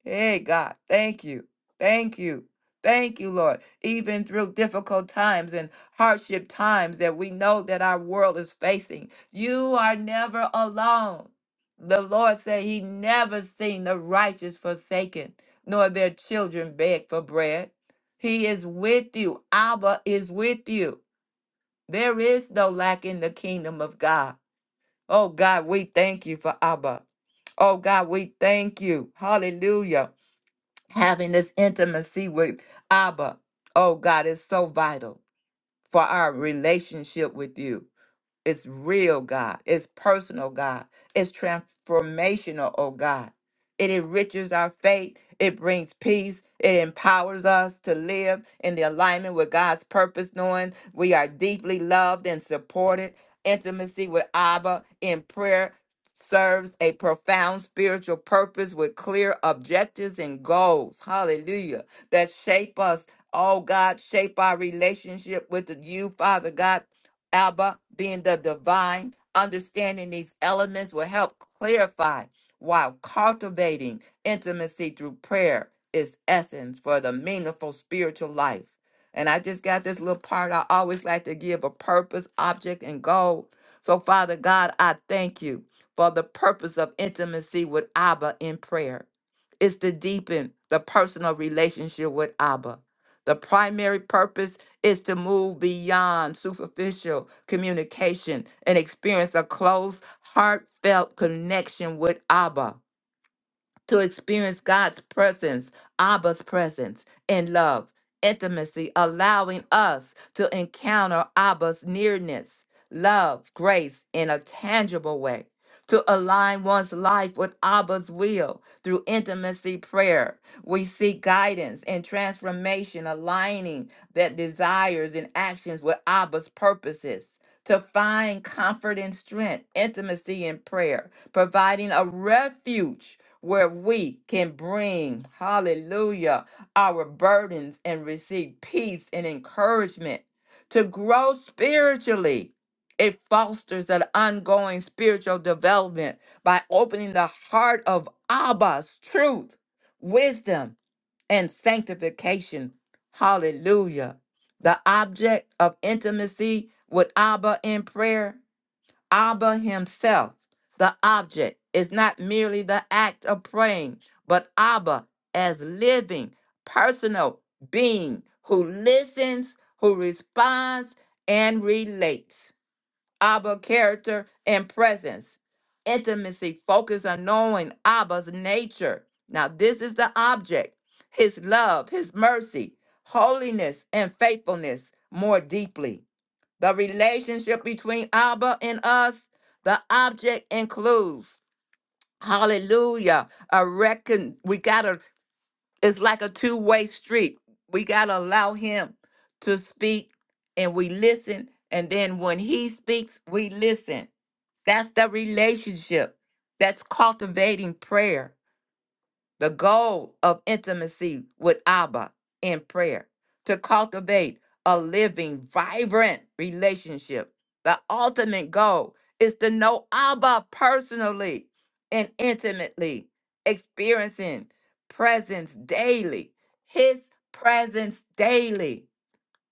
[SPEAKER 2] Hey, God, thank you. Thank you. Thank you, Lord. Even through difficult times and hardship times that we know that our world is facing, you are never alone. The Lord said he never seen the righteous forsaken, nor their children beg for bread. He is with you. Abba is with you. There is no lack in the kingdom of God. Oh, God, we thank you for Abba. Oh, God, we thank you. Hallelujah having this intimacy with Abba, oh God, is so vital for our relationship with you. It's real, God. It's personal, God. It's transformational, oh God. It enriches our faith. It brings peace. It empowers us to live in the alignment with God's purpose, knowing we are deeply loved and supported. Intimacy with Abba in prayer serves a profound spiritual purpose with clear objectives and goals. Hallelujah. That shape us. Oh God, shape our relationship with you, Father God Abba, being the divine, understanding these elements will help clarify while cultivating intimacy through prayer is essence for the meaningful spiritual life. And I just got this little part I always like to give a purpose, object, and goal. So, Father God, I thank you for the purpose of intimacy with Abba in prayer. It's to deepen the personal relationship with Abba the primary purpose is to move beyond superficial communication and experience a close, heartfelt connection with Abba to experience God's presence, Abba's presence in love, intimacy, allowing us to encounter Abba's nearness, love, grace in a tangible way. To align one's life with Abba's will through intimacy prayer, we seek guidance and transformation, aligning that desires and actions with Abba's purposes. To find comfort and strength, intimacy in prayer, providing a refuge where we can bring, hallelujah, our burdens and receive peace and encouragement to grow spiritually. It fosters an ongoing spiritual development by opening the heart of Abba's truth, wisdom, and sanctification. Hallelujah. The object of intimacy with Abba in prayer Abba himself, the object, is not merely the act of praying, but Abba as living, personal being who listens, who responds, and relates. Abba character and presence. Intimacy focus on knowing Abba's nature. Now, this is the object his love, his mercy, holiness, and faithfulness more deeply. The relationship between Abba and us, the object includes, hallelujah, a reckon. We got to, it's like a two way street. We got to allow him to speak and we listen. And then when he speaks, we listen. That's the relationship. That's cultivating prayer the goal of intimacy with Abba in prayer, to cultivate a living, vibrant relationship. The ultimate goal is to know Abba personally and intimately, experiencing presence daily, his presence daily.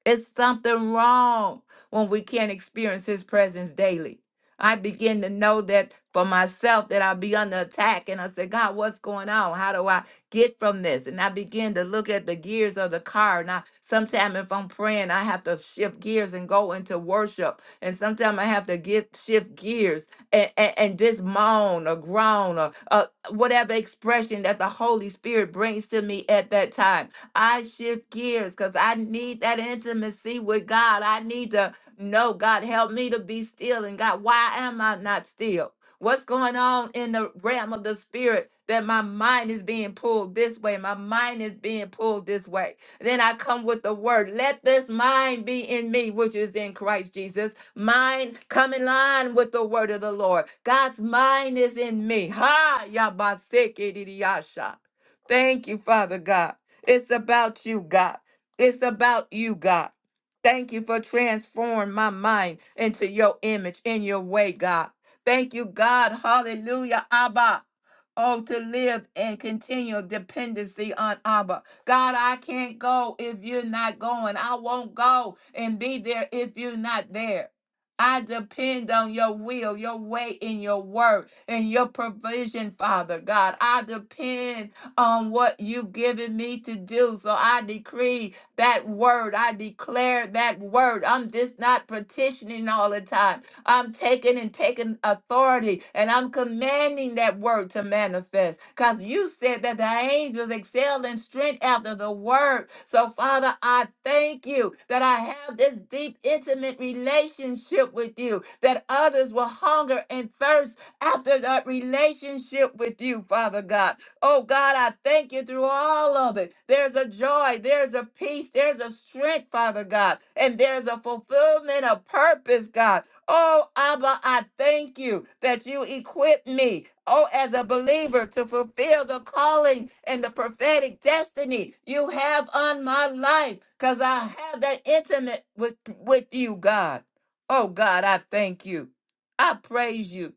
[SPEAKER 2] It's something wrong when we can't experience his presence daily. I begin to know that for myself that I'll be under attack. And I said, God, what's going on? How do I get from this? And I begin to look at the gears of the car. Now, sometimes if I'm praying, I have to shift gears and go into worship. And sometimes I have to get shift gears and, and, and just moan or groan or uh, whatever expression that the Holy Spirit brings to me at that time I shift gears because I need that intimacy with God. I need to know, God, help me to be still. And God, why am I not still? What's going on in the realm of the spirit that my mind is being pulled this way? My mind is being pulled this way. Then I come with the word, let this mind be in me, which is in Christ Jesus. Mind come in line with the word of the Lord. God's mind is in me. Ha, yabaseke didiyasha. Thank you, Father God. It's about you, God. It's about you, God. Thank you for transforming my mind into your image in your way, God. Thank you, God. Hallelujah, Abba. Oh, to live in continual dependency on Abba. God, I can't go if you're not going. I won't go and be there if you're not there. I depend on your will, your way, and your word, and your provision, Father God. I depend on what you've given me to do. So I decree that word. I declare that word. I'm just not petitioning all the time. I'm taking and taking authority and I'm commanding that word to manifest. Because you said that the angels excel in strength after the word. So, Father, I thank you that I have this deep, intimate relationship with you, that others will hunger and thirst after that relationship with you, Father God. Oh God, I thank you through all of it. There's a joy, there's a peace, there's a strength, Father God, and there's a fulfillment of purpose, God. Oh Abba, I thank you that you equip me, oh, as a believer to fulfill the calling and the prophetic destiny you have on my life, because I have that intimate with, with you, God. Oh God, I thank you. I praise you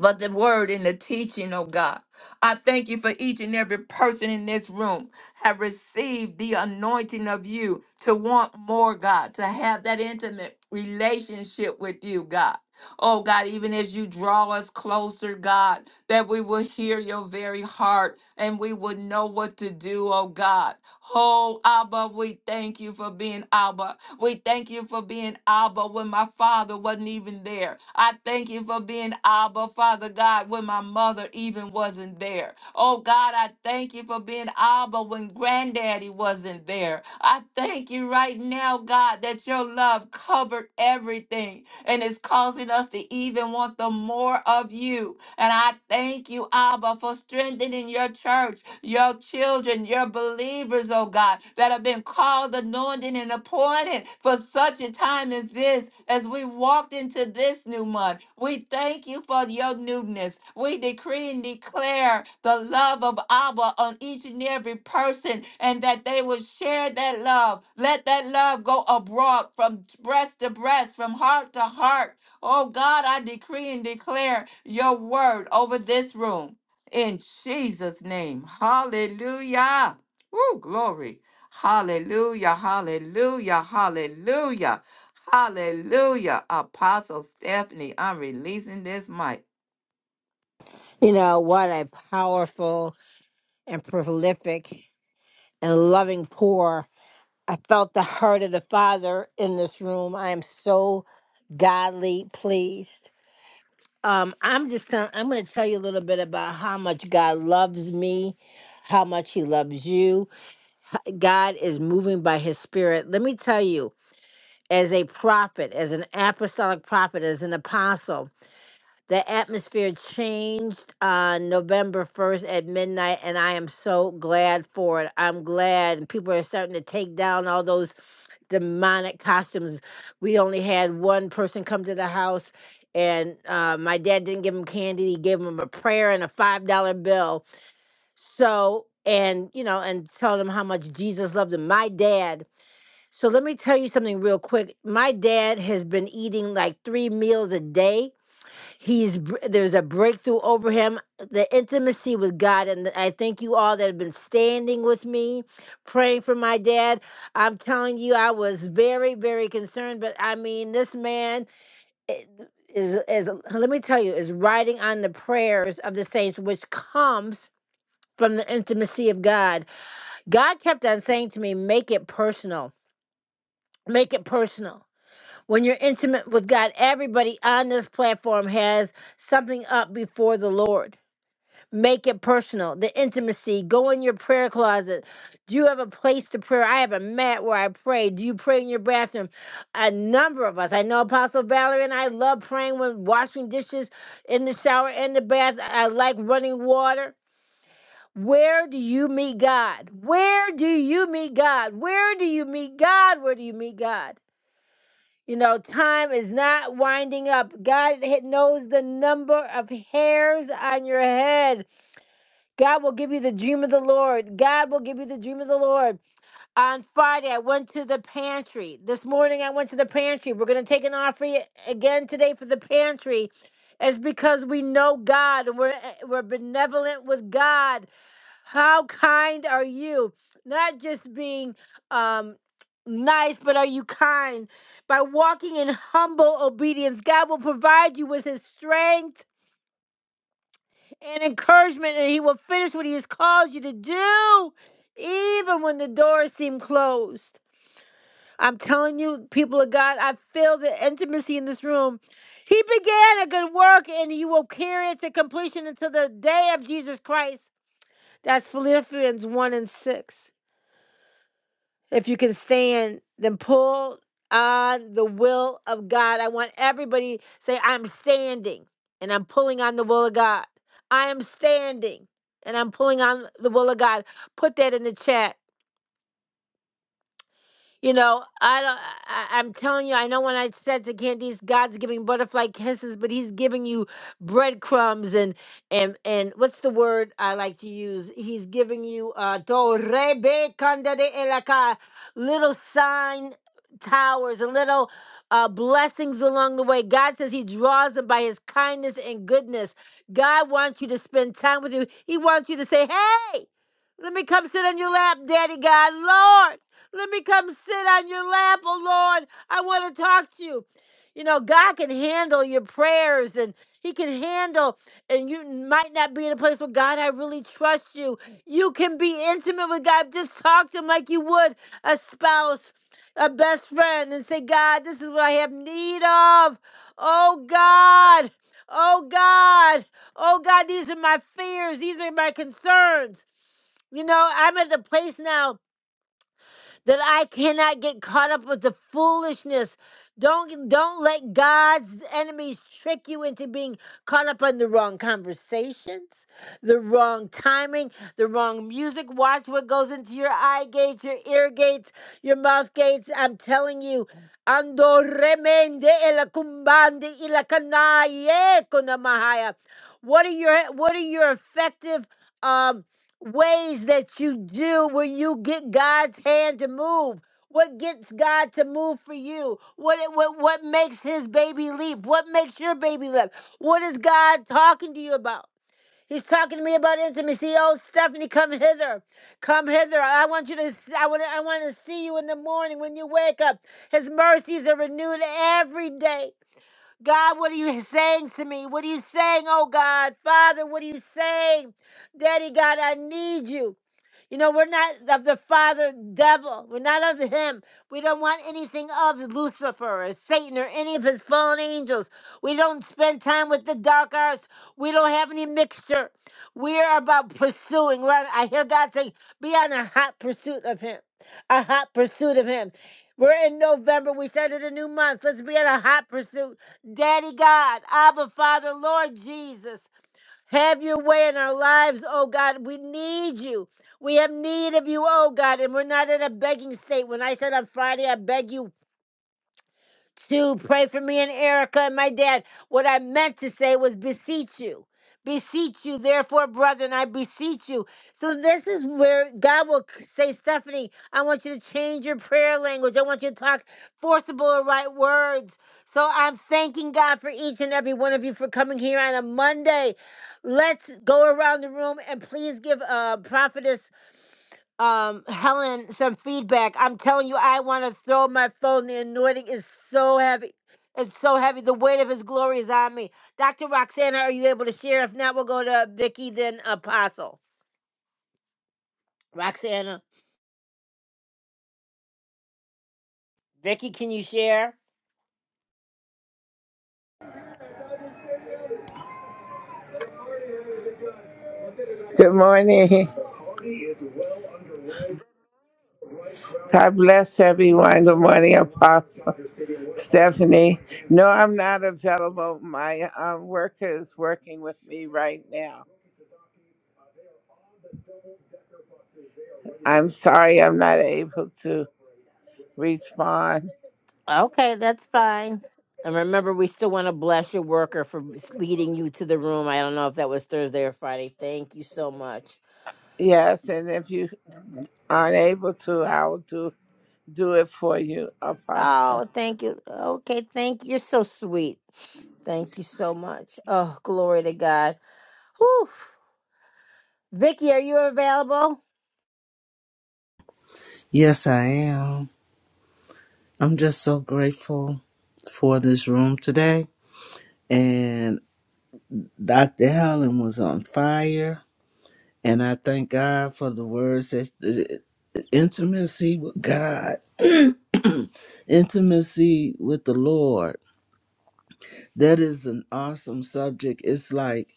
[SPEAKER 2] for the word and the teaching, oh God. I thank you for each and every person in this room have received the anointing of you to want more, God, to have that intimate relationship with you, God. Oh God, even as you draw us closer, God, that we will hear your very heart and we will know what to do, oh God. Oh Abba, we thank you for being Abba. We thank you for being Abba when my father wasn't even there. I thank you for being Abba, Father God, when my mother even wasn't there. Oh God, I thank you for being Abba when granddaddy wasn't there. I thank you right now, God, that your love covered everything and it's causing us to even want the more of you. And I thank you, Abba, for strengthening your church, your children, your believers, oh God, that have been called, anointed, and appointed for such a time as this. As we walked into this new month, we thank you for your newness. We decree and declare the love of Abba on each and every person, and that they will share that love. Let that love go abroad from breast to breast, from heart to heart Oh God, I decree and declare your word over this room in Jesus' name. Hallelujah. Woo, glory. Hallelujah, hallelujah, hallelujah, hallelujah. Apostle Stephanie, I'm releasing this mic.
[SPEAKER 1] You know, what a powerful and prolific and loving pour. I felt the heart of the Father in this room. I am so godly pleased. Um, I'm just tell- I'm going to tell you a little bit about how much God loves me, how much He loves you. H- God is moving by His Spirit. Let me tell you, as a prophet, as an apostolic prophet, as an apostle, the atmosphere changed on November 1st at midnight, and I am so glad for it. I'm glad, and people are starting to take down all those demonic costumes. We only had one person come to the house, and uh, my dad didn't give him candy. He gave him a prayer and a five dollar bill. So and you know and told him how much Jesus loved him. My dad. So let me tell you something real quick. My dad has been eating like three meals a day He's br- there's a breakthrough over him, the intimacy with God, and I thank you all that have been standing with me, praying for my dad. I'm telling you, I was very, very concerned, but I mean, this man i- is is let me tell you is riding on the prayers of the saints, which comes from the intimacy of God. God kept on saying to me, "Make it personal, make it personal." When you're intimate with God, everybody on this platform has something up before the Lord Make it personal. The intimacy. Go in your prayer closet. Do you have a place to pray? I have a mat where I pray. Do you pray in your bathroom? A number of us. I know Apostle Valerie and I love praying when washing dishes in the shower in the bath. I like running water. Where do you meet God? Where do you meet God? Where do you meet God? Where do you meet God? You know, time is not winding up. God knows the number of hairs on your head. God will give you the dream of the Lord. God will give you the dream of the Lord. On Friday, I went to the pantry. This morning, I went to the pantry. We're going to take an offering again today for the pantry. It's because we know God and we're, eh, we're benevolent with God. How kind are you? Not just being um, nice, but are you kind? By walking in humble obedience, God will provide you with His strength and encouragement, and He will finish what He has called you to do, even when the doors seem closed. I'm telling you, people of God, I feel the intimacy in this room. He began a good work, and you will carry it to completion until the day of Jesus Christ. That's Philippians 1 and 6 if you can stand, then pull on the will of God. I want everybody to say, I'm standing and I'm pulling on the will of God. I am standing and I'm pulling on the will of God. Put that in the chat. You know, I don't. I, I- am telling you, I know when I said to Candice, God's giving butterfly kisses, but He's giving you breadcrumbs and and and what's the word I like to use? He's giving you uh torrebe candade elaka, little sign towers and little uh blessings along the way. God says He draws them by His kindness and goodness. God wants you to spend time with you. He wants you to say, "Hey, let me come sit on your lap, Daddy God, Lord." Let me come sit on your lap, oh Lord. I want to talk to you. You know, God can handle your prayers and He can handle, and you might not be in a place where God, I really trust you. You can be intimate with God. Just talk to Him like you would a spouse, a best friend, and say, God, this is what I have need of. Oh God, oh God, oh God, these are my fears, these are my concerns. You know, I'm at the place now that I cannot get caught up with the foolishness. Don't don't let God's enemies trick you into being caught up on the wrong conversations, the wrong timing, the wrong music. Watch what goes into your eye gates, your ear gates, your mouth gates. I'm telling you, ando remende elakumbande ilakanaye kunamahaya. What are your what are your effective? um ways that you do where you get God's hand to move. What gets God to move for you? What what what makes his baby leap? What makes your baby leap? What is God talking to you about? He's talking to me about intimacy. Oh, Stephanie, come hither. Come hither. I want you to I want to, I want to see you in the morning when you wake up. His mercies are renewed every day. God, what are you saying to me? What are you saying, oh God? Father, what are you saying? Daddy God, I need you. You know, we're not of the father devil. We're not of him. We don't want anything of Lucifer or Satan or any of his fallen angels. We don't spend time with the dark arts. We don't have any mixture. We are about pursuing. We're on, I hear God saying, be on a hot pursuit of him. A hot pursuit of him. We're in November. We started a new month. Let's be on a hot pursuit. Daddy God, Abba Father, Lord Jesus. Have your way in our lives, oh God. We need you. We have need of you, oh God. And we're not in a begging state. When I said on Friday, I beg you to pray for me and Erica and my dad. What I meant to say was beseech you. Beseech you, therefore, brethren, I beseech you. So, this is where God will c- say, Stephanie, I want you to change your prayer language. I want you to talk forcible or right words. So, I'm thanking God for each and every one of you for coming here on a Monday. Let's go around the room and please give uh, Prophetess um Helen some feedback. I'm telling you, I want to throw my phone. The anointing is so heavy. It's so heavy. The weight of his glory is on me. Dr. Roxana, are you able to share? If not, we'll go to Vicky, then Apostle. Roxana. Vicky, can you share?
[SPEAKER 4] Good morning. God bless everyone. Good morning, Apostle Stephanie. No, I'm not available. My um, worker is working with me right now. I'm sorry I'm not able to respond.
[SPEAKER 1] Okay, that's fine. And remember, we still want to bless your worker for leading you to the room. I don't know if that was Thursday or Friday. Thank you so much.
[SPEAKER 4] Yes, and if you aren't able to, I will do, do it for you, Apostle.
[SPEAKER 1] Oh, thank you. Okay, thank you. You're so sweet. Thank you so much. Oh, glory to God. Whew. Vicky, are you available?
[SPEAKER 3] Yes, I am. I'm just so grateful for this room today. And Dr. Helen was on fire. And I thank God for the words that the intimacy with God, intimacy with the Lord. That is an awesome subject. It's like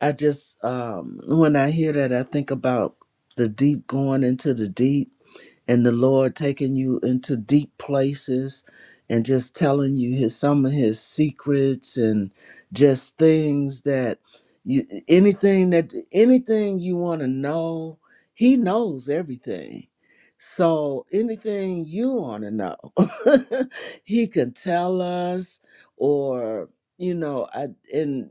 [SPEAKER 3] I just um when I hear that I think about the deep going into the deep and the Lord taking you into deep places and just telling you his some of his secrets and just things that you anything that anything you want to know, he knows everything. So anything you want to know, he can tell us or you know, I and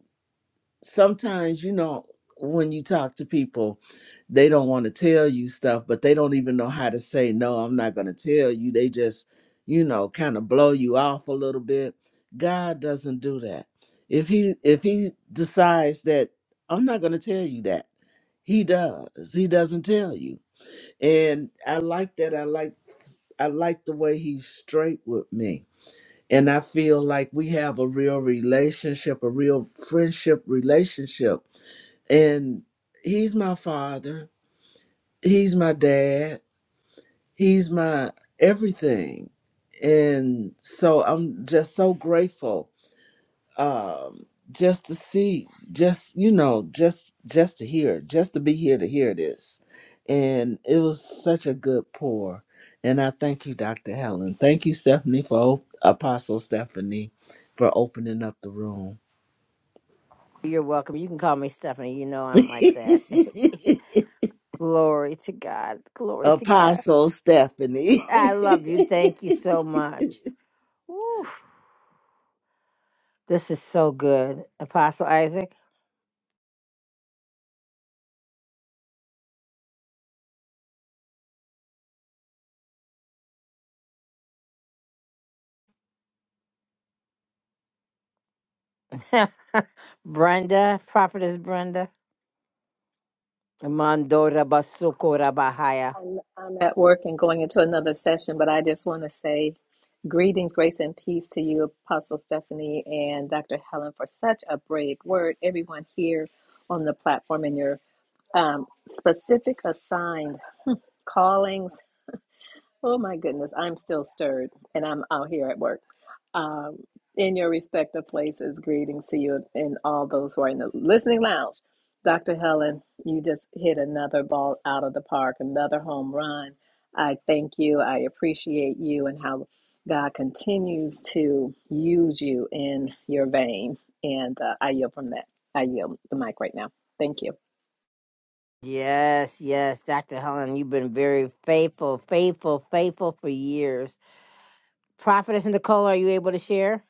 [SPEAKER 3] sometimes you know when you talk to people they don't want to tell you stuff but they don't even know how to say no i'm not going to tell you they just you know kind of blow you off a little bit god doesn't do that if he if he decides that i'm not going to tell you that he does he doesn't tell you and i like that i like i like the way he's straight with me and i feel like we have a real relationship a real friendship relationship and he's my father he's my dad he's my everything and so i'm just so grateful um just to see just you know just just to hear just to be here to hear this and it was such a good pour and i thank you dr helen thank you stephanie for op- apostle stephanie for opening up the room
[SPEAKER 1] You're welcome. You can call me Stephanie. You know I'm like that. glory to God. Glory to God.
[SPEAKER 3] Apostle Stephanie.
[SPEAKER 1] I love you. Thank you so much. Whew. This is so good. Apostle Isaac, Brenda, Prophetess Brenda, Mandora Basukora Bahaya.
[SPEAKER 5] I'm, I'm at work and going into another session, but I just want to say greetings, grace, and peace to you, Apostle Stephanie and Dr. Helen, for such a brave word. Everyone here on the platform and your um, specific assigned callings Oh my goodness, I'm still stirred and I'm out here at work. Um, in your respective places, greetings to you and all those who are in the listening lounge. Dr. Helen, you just hit another ball out of the park, another home run. I thank you. I appreciate you and how God continues to use you in your vein. And uh, I yield from that. I yield the mic right now. Thank you.
[SPEAKER 1] Yes, yes, Dr. Helen, you've been very faithful, faithful, faithful for years. Prophetess Nicole, are you able to share?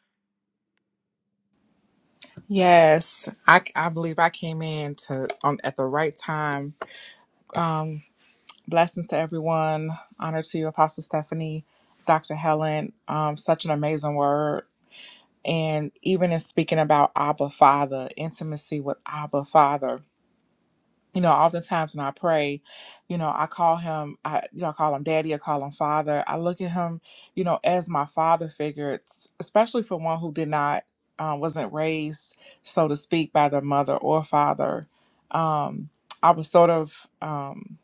[SPEAKER 6] Yes, I, I believe I came in to um, at the right time. Um, blessings to everyone. Honor to you, Apostle Stephanie, Dr. Helen. Um, such an amazing word. And even in speaking about Abba Father, intimacy with Abba Father you know, oftentimes when I pray, you know, I call him, I, you know, I call him daddy, I call him father. I look at him, you know, as my father figure, it's- especially for one who did not, uh, wasn't raised, so to speak, by their mother or father. Um, I was sort of, um,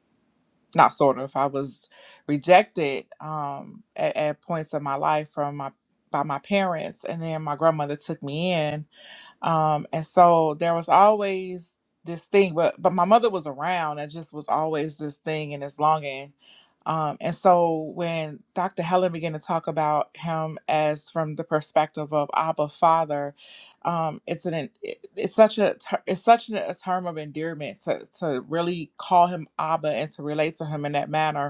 [SPEAKER 6] not sort of, I was rejected um, at, at points in my life from my by my parents, and then my grandmother took me in um, and so there was always this thing but but my mother was around and just was always this thing and this longing um, and so when dr helen began to talk about him as from the perspective of abba father um, it's an it- it's such a ter- it's such a term of endearment to to really call him abba and to relate to him in that manner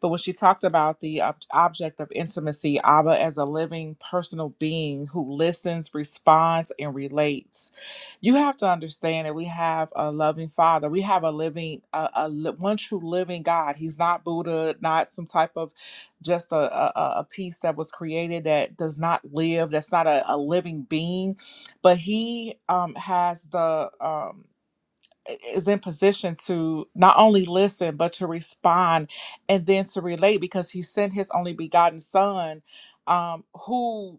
[SPEAKER 6] but when she talked about the ob- object of intimacy, Abba as a living personal being who listens, responds, and relates, you have to understand that we have a loving Father. We have a living, a, a li- one true living God. He's not Buddha, not some type of just a, a, a a piece that was created that does not live, that's not a, a living being, but He um, has the. Um, is in position to not only listen but to respond and then to relate because he sent his only begotten son um who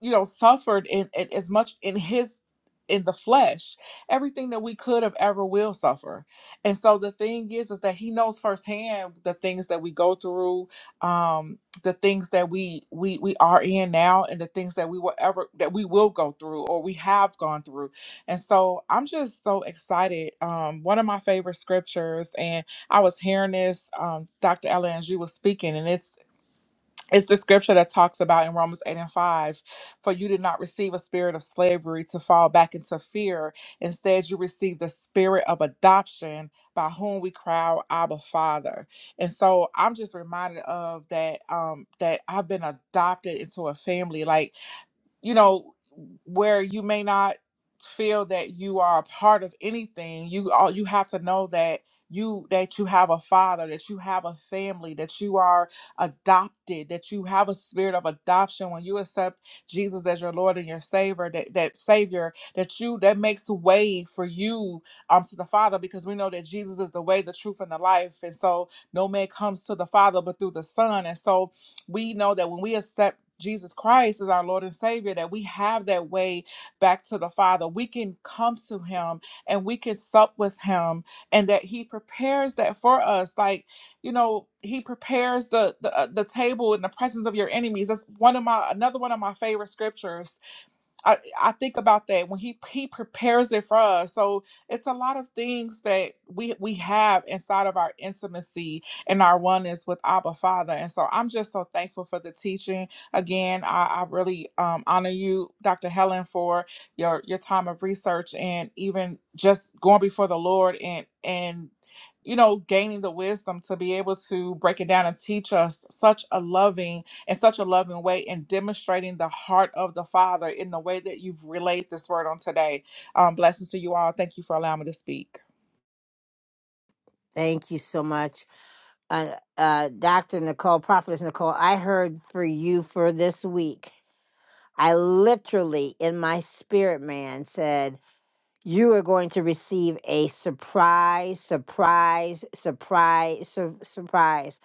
[SPEAKER 6] you know suffered in, in as much in his in the flesh everything that we could have ever will suffer and so the thing is is that he knows firsthand the things that we go through um the things that we we we are in now and the things that we will ever that we will go through or we have gone through and so i'm just so excited um one of my favorite scriptures and i was hearing this um dr ellen as you was speaking and it's it's the scripture that talks about in Romans 8 and 5 For you did not receive a spirit of slavery to fall back into fear. Instead, you received the spirit of adoption by whom we cry, out, Abba, Father. And so I'm just reminded of that, um, that I've been adopted into a family. Like you know where you may not feel that you are a part of anything you all you have to know that you that you have a father that you have a family that you are adopted that you have a spirit of adoption when you accept jesus as your lord and your savior that, that savior that you that makes way for you um to the father because we know that jesus is the way the truth and the life and so no man comes to the father but through the son and so we know that when we accept Jesus Christ as our Lord and Savior, that we have that way back to the Father. We can come to Him and we can sup with Him, and that He prepares that for us. Like, you know, He prepares the the, uh, the table in the presence of your enemies. That's one of my another one of my favorite scriptures I, I think about that when he he prepares it for us. So it's a lot of things that we we have inside of our intimacy and our oneness with Abba Father. And so I'm just so thankful for the teaching. Again, I, I really um, honor you, Dr. Helen, for your your time of research and even just going before the Lord and and you know gaining the wisdom to be able to break it down and teach us such a loving in such a loving way and demonstrating the heart of the Father in the way that you've relayed this word on today. Um, blessings to you all. Thank you for allowing me to speak.
[SPEAKER 1] Thank you so much. Uh, uh, Dr. Nicole, Prophetess Nicole, I heard for you for this week. I literally, in my spirit, man, said, you are going to receive a surprise, surprise, surprise, sur- surprise.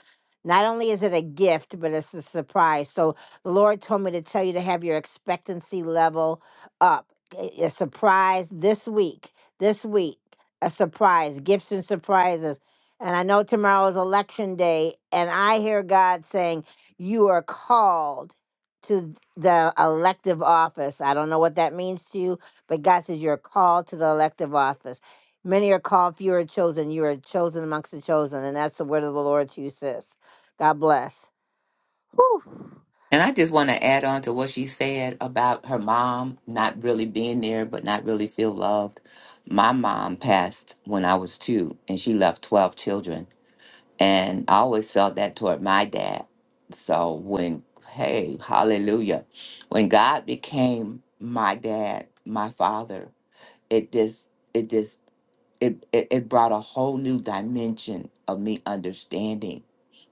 [SPEAKER 1] Not only is it a gift, but it's a surprise. So the Lord told me to tell you to have your expectancy level up. A a surprise this week, this week, a surprise, gifts and surprises. And I know tomorrow is election day, and I hear God saying, You are called to the elective office. I don't know what that means to you, but God says you're called to the elective office. Many are called, few are chosen. You are chosen amongst the chosen. And that's the word of the Lord to you, sis. God bless. Whew.
[SPEAKER 2] And I just want to add on to what she said about her mom not really being there, but not really feel loved. My mom passed when I was two, and she left 12 children. And I always felt that toward my dad. So when, hey, hallelujah, when God became my dad, my father, it just, it just, it, it, it brought a whole new dimension of me understanding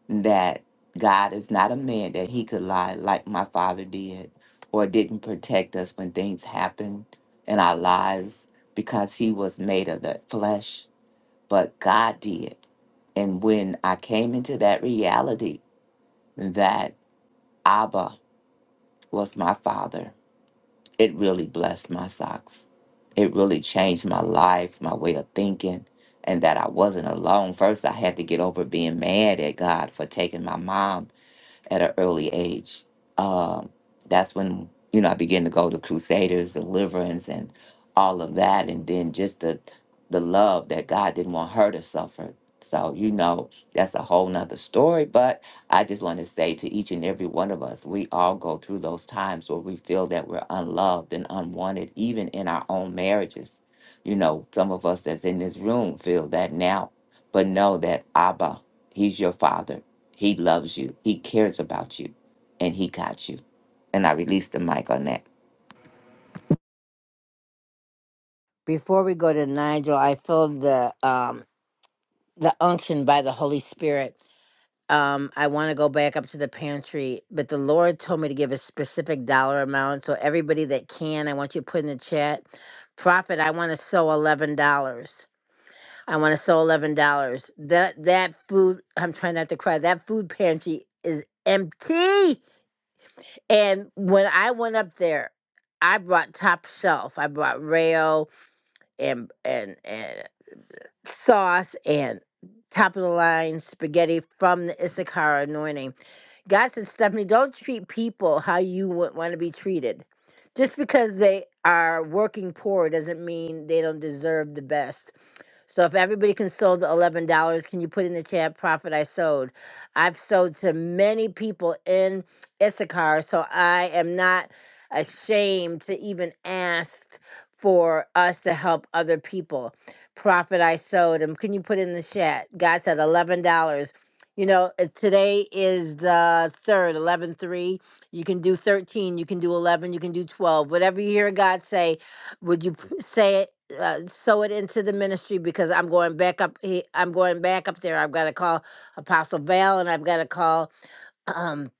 [SPEAKER 2] that God is not a man that he could lie like my father did or didn't protect us when things happened in our lives because he was made of the flesh but God did. And when I came into that reality that Abba was my father, it really blessed my socks. It really changed my life, my way of thinking, and that I wasn't alone. First, I had to get over being mad at God for taking my mom at an early age. Um, that's when you know I began to go to Crusaders, Deliverance, and all of that, and then just the the love that God didn't want her to suffer. So you know that's a whole nother story. But I just want to say to each and every one of us, we all go through those times where we feel that we're unloved and unwanted, even in our own marriages. You know, some of us that's in this room feel that now, but know that Abba, He's your Father he loves you. He cares about you, and he got you. And I released the mic on that.
[SPEAKER 1] Before we go to Nigel, I feel the um the unction by the Holy Spirit. Um, I want to go back up to the pantry, but the Lord told me to give a specific dollar amount. So everybody that can, I want you to put in the chat. Prophet, I want to sow eleven dollars. I want to sell eleven dollars. That that food I'm trying not to cry. That food pantry is empty. And when I went up there, I brought top shelf. I brought Rayo and and and sauce and top of the line spaghetti from the Issachar anointing God says, Stephanie, don't treat people how you would want to be treated. Just because they are working poor doesn't mean they don't deserve the best. So if everybody can sow the eleven dollars, can you put in the chat profit I sowed? I've sowed to many people in Issachar, so I am not ashamed to even ask for us to help other people. Profit I sowed, and can you put in the chat? God said $11. You know, uh, today is the third, 11, 3. You can do 13, you can do 11, you can do 12. Whatever you hear God say, would you p- say it, uh, sow it into the ministry? Because I'm going back up. he- I'm going back up there. I've got to call Apostle Val and I've got to call um,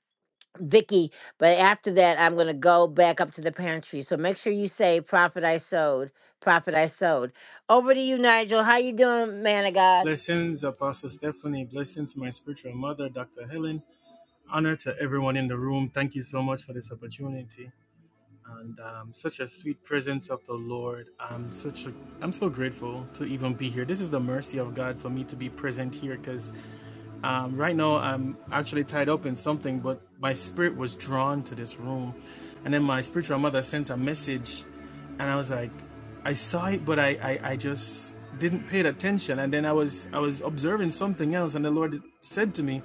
[SPEAKER 1] Vicky. But after that, I'm going to go back up to the pantry. So make sure you say, Prophet I sowed, Prophet I sowed. Over to you, Nigel. How you doing, man of God?
[SPEAKER 7] Blessings, Apostle Stephanie. Blessings, my spiritual mother, Dr. Helen. Honor to everyone in the room. Thank you so much for this opportunity and um, such a sweet presence of the Lord. I'm such a, I'm so grateful to even be here. This is the mercy of God for me to be present here because um, right now, I'm actually tied up in something, but my spirit was drawn to this room. And then my spiritual mother sent a message, and I was like, I saw it, but I, I, I just didn't pay attention. And then I was I was observing something else, and the Lord said to me,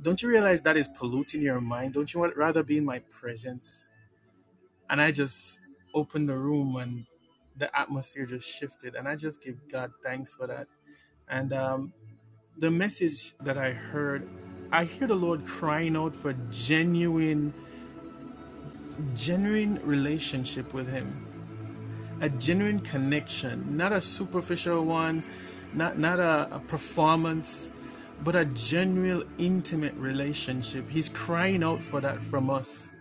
[SPEAKER 7] "Don't you realize that is polluting your mind? Don't you want rather be in my presence?" And I just opened the room, and the atmosphere just shifted, and I just give God thanks for that. And um, the message that I heard, I hear the Lord crying out for genuine, genuine relationship with Him, a genuine connection, not a superficial one, not not a, a performance, but a genuine, intimate relationship. He's crying out for that from us,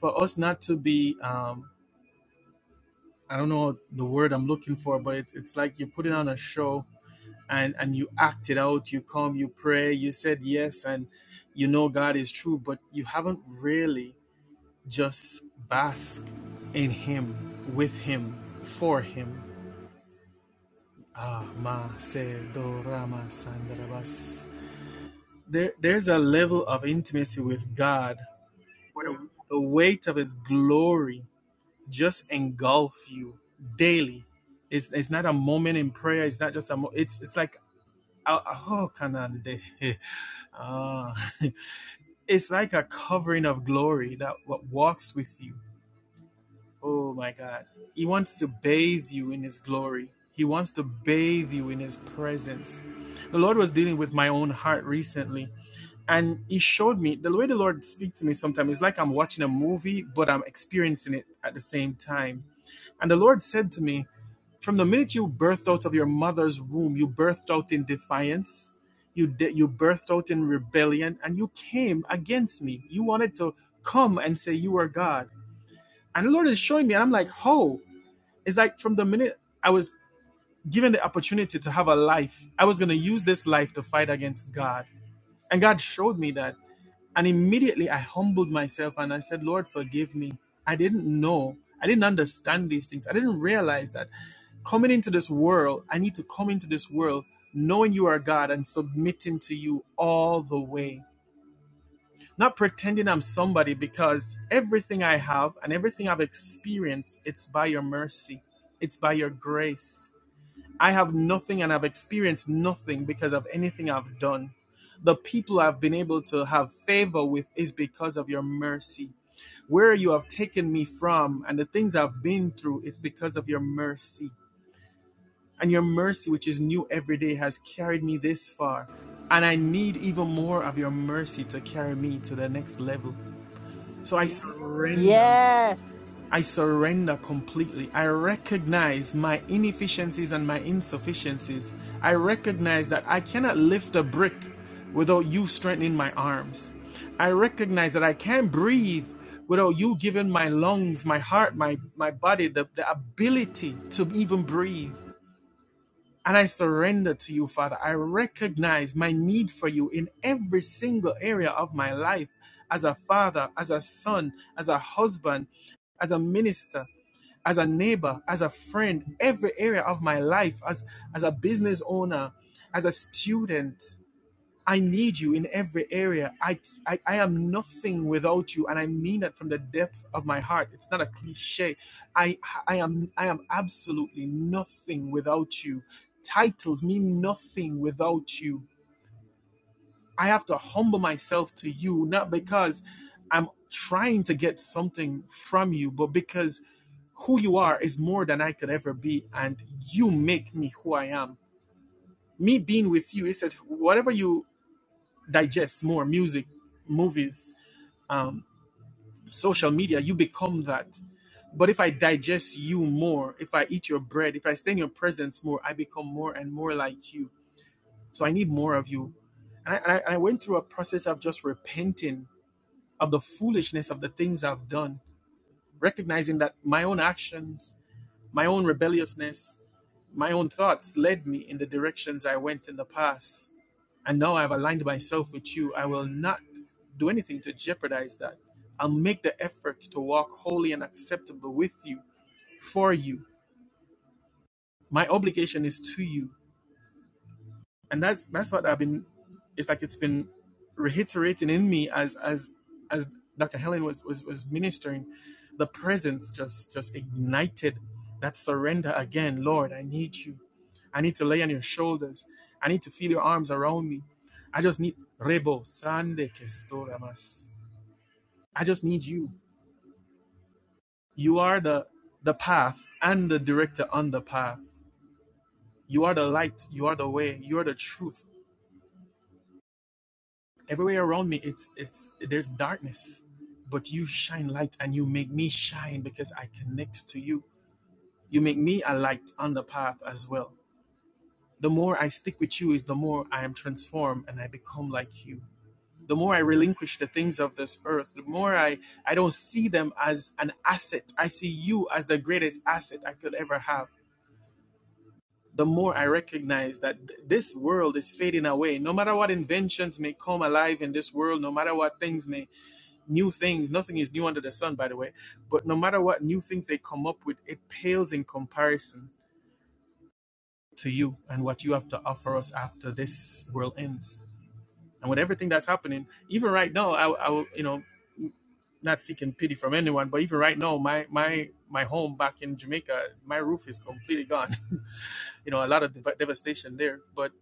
[SPEAKER 7] for us not to be. Um, I don't know the word I'm looking for, but it, it's like you're putting on a show and and you act it out you come you pray you said yes and you know god is true but you haven't really just bask in him with him for him ah ma se do rama sandarabas there, there's a level of intimacy with god where the weight of his glory just engulf you daily it's, it's not a moment in prayer it's not just a mo- it's it's like Oh, oh, Kanande. Ah, it's like a covering of glory that walks with you. Oh my God. He wants to bathe you in his glory. He wants to bathe you in his presence. The Lord was dealing with my own heart recently. And he showed me the way the Lord speaks to me sometimes it's like I'm watching a movie, but I'm experiencing it at the same time and the Lord said to me, From the minute you birthed out of your mother's womb, you birthed out in defiance, you, de- you birthed out in rebellion, and you came against me. You wanted to come and say you are God. And the Lord is showing me, and I'm like, How? It's like from the minute I was given the opportunity to have a life, I was going to use this life to fight against God. And God showed me that. And immediately I humbled myself and I said, Lord, forgive me. I didn't know. I didn't understand these things. I didn't realize that coming into this world, I need to come into this world knowing you are God and submitting to you all the way. Not pretending I'm somebody because everything I have and everything I've experienced, it's by your mercy, it's by your grace. I have nothing and I've experienced nothing because of anything I've done. The people I've been able to have favor with is because of your mercy. Where you have taken me from and the things I've been through is because of your mercy. And your mercy, which is new every day, has carried me this far. And I need even more of your mercy to carry me to the next level. So I surrender.
[SPEAKER 1] Yes.
[SPEAKER 7] I surrender completely. I recognize my inefficiencies and my insufficiencies. I recognize that I cannot lift a brick without you strengthening my arms. I recognize that I can't breathe without you giving my lungs, my heart, my, my body the, the ability to even breathe. And I surrender to you, Father. I recognize my need for you in every single area of my life as a father, as a son, as a husband, as a minister as a neighbor, as a friend, every area of my life, as, as a business owner, as a student. I need you in every area. I, I, I am nothing without you. And I mean that from the depth of my heart. It's not a cliche. I, I, am, I am absolutely nothing without you. Titles mean nothing without you. I have to humble myself to you, not because I'm trying to get something from you, but because who you are is more than I could ever be, and you make me who I am. Me being with you, he said, whatever you digest more music, movies, um, social media, you become that. But if I digest you more, if I eat your bread, if I stay in your presence more, I become more and more like you. So I need more of you. And I, I I went through a process of just repenting of the foolishness of the things I've done, recognizing that my own actions, my own rebelliousness, my own thoughts led me in the directions I went in the past. And now I've aligned myself with you. I will not do anything to jeopardize that. I'll make the effort to walk holy and acceptable with you, for you. My obligation is to you. and that's that's what I've been. It's like it's been reiterating in me as as as Dr. Helen was was was ministering. The presence just just ignited that surrender again. Lord, I need you. I need to lay on your shoulders. I need to feel your arms around me. I just need rebo sande que estoy I just need you. You are the the path and the director on the path. You are the light. You are the way. You are the truth. everywhere around me it's it's there's darkness but you shine light and you make me shine because i connect to you you make me a light on the path as well the more i stick with you is the more i am transformed and i become like you the more i relinquish the things of this earth the more i i don't see them as an asset i see you as the greatest asset i could ever have the more i recognize that th- this world is fading away no matter what inventions may come alive in this world no matter what things may new things. Nothing is new under the sun, by the way. But no matter what new things they come up with, it pales in comparison to you and what you have to offer us after this world ends. And with everything that's happening, even right now, I, I will, you know, not seeking pity from anyone, but even right now, my my my home back in Jamaica, my roof is completely gone. you know, a lot of dev- devastation there, but.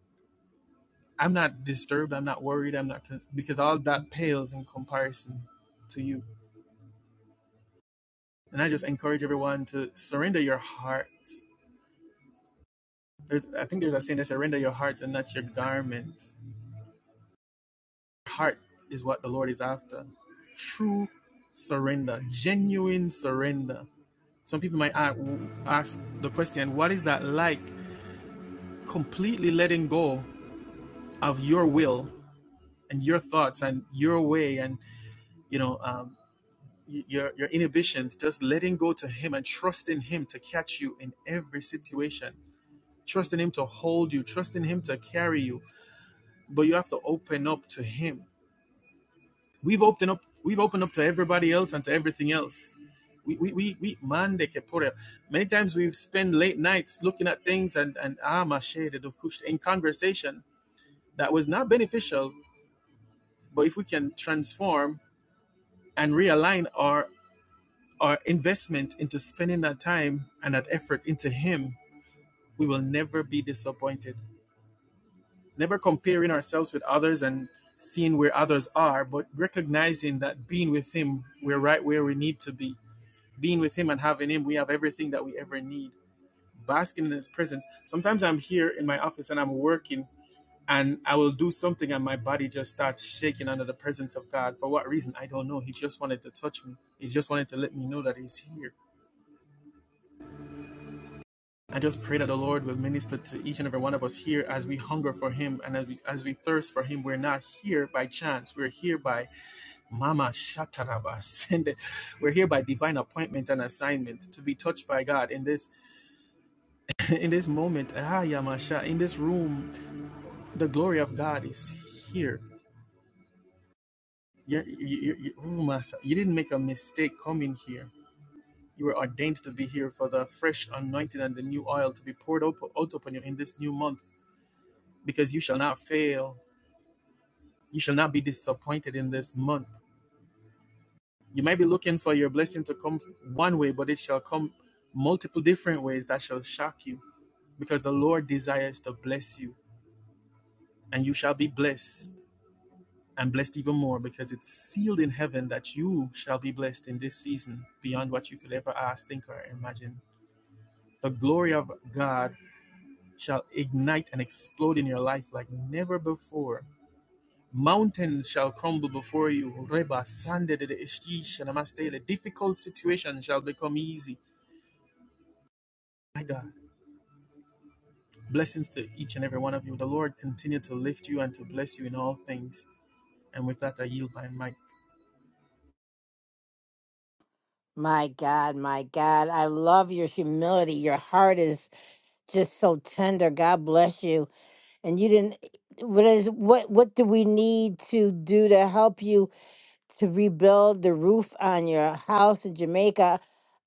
[SPEAKER 7] I'm not disturbed. I'm not worried. I'm not con- because all that pales in comparison to you. And I just encourage everyone to surrender your heart There's, I think there's a saying that surrender your heart and not your garment. Heart is what the Lord is after. True surrender, genuine surrender. Some people might ask the question, what is that like? Completely letting go of your will and your thoughts and your way and you know um, your your inhibitions. Just letting go to Him and trusting Him to catch you in every situation. Trusting Him to hold you. Trusting Him to carry you. But you have to open up to Him We've opened up. We've opened up to everybody else and to everything else. We we we, we man they can put it. Many times we've spent late nights looking at things and and ah mache the dokush in conversation that was not beneficial. But if we can transform and realign our our investment into spending that time and that effort into Him, we will never be disappointed. Never comparing ourselves with others and seeing where others are, but recognizing that being with Him, we're right where we need to be being with him and having him, we have everything that we ever need. Basking in his presence. Sometimes I'm here in my office and I'm working and I will do something and my body just starts shaking under the presence of God. For what reason? I don't know. He just wanted to touch me. He just wanted to let me know that he's here. I just pray that the Lord will minister to each and every one of us here as we hunger for him and as we as we thirst for him. We're not here by chance. We're here by Mama Shataraba. Send We're here by divine appointment and assignment to be touched by God in this in this moment, ah, Yamasha, in this room, the glory of God is here. You're, you you you- oh, Massa, you didn't make a mistake coming here. You were ordained to be here for the fresh anointing and the new oil to be poured out, out upon you in this new month, because you shall not fail. You shall not be disappointed in this month. You might be looking for your blessing to come one way, but it shall come multiple different ways that shall shock you, because the Lord desires to bless you, and you shall be blessed and blessed even more because it's sealed in heaven that you shall be blessed in this season beyond what you could ever ask, think, or imagine. The glory of God shall ignite and explode in your life like never before. Mountains shall crumble before you. Reba, sande de de ishtish and amastele. Difficult situations shall become easy. My God, blessings to each and every one of you. The Lord continue to lift you and to bless you in all things. And with that, I yield my mic.
[SPEAKER 1] My God, my God, I love your humility. Your heart is just so tender. God bless you. And you didn't what is what what do we need to do to help you to rebuild the roof on your house in Jamaica?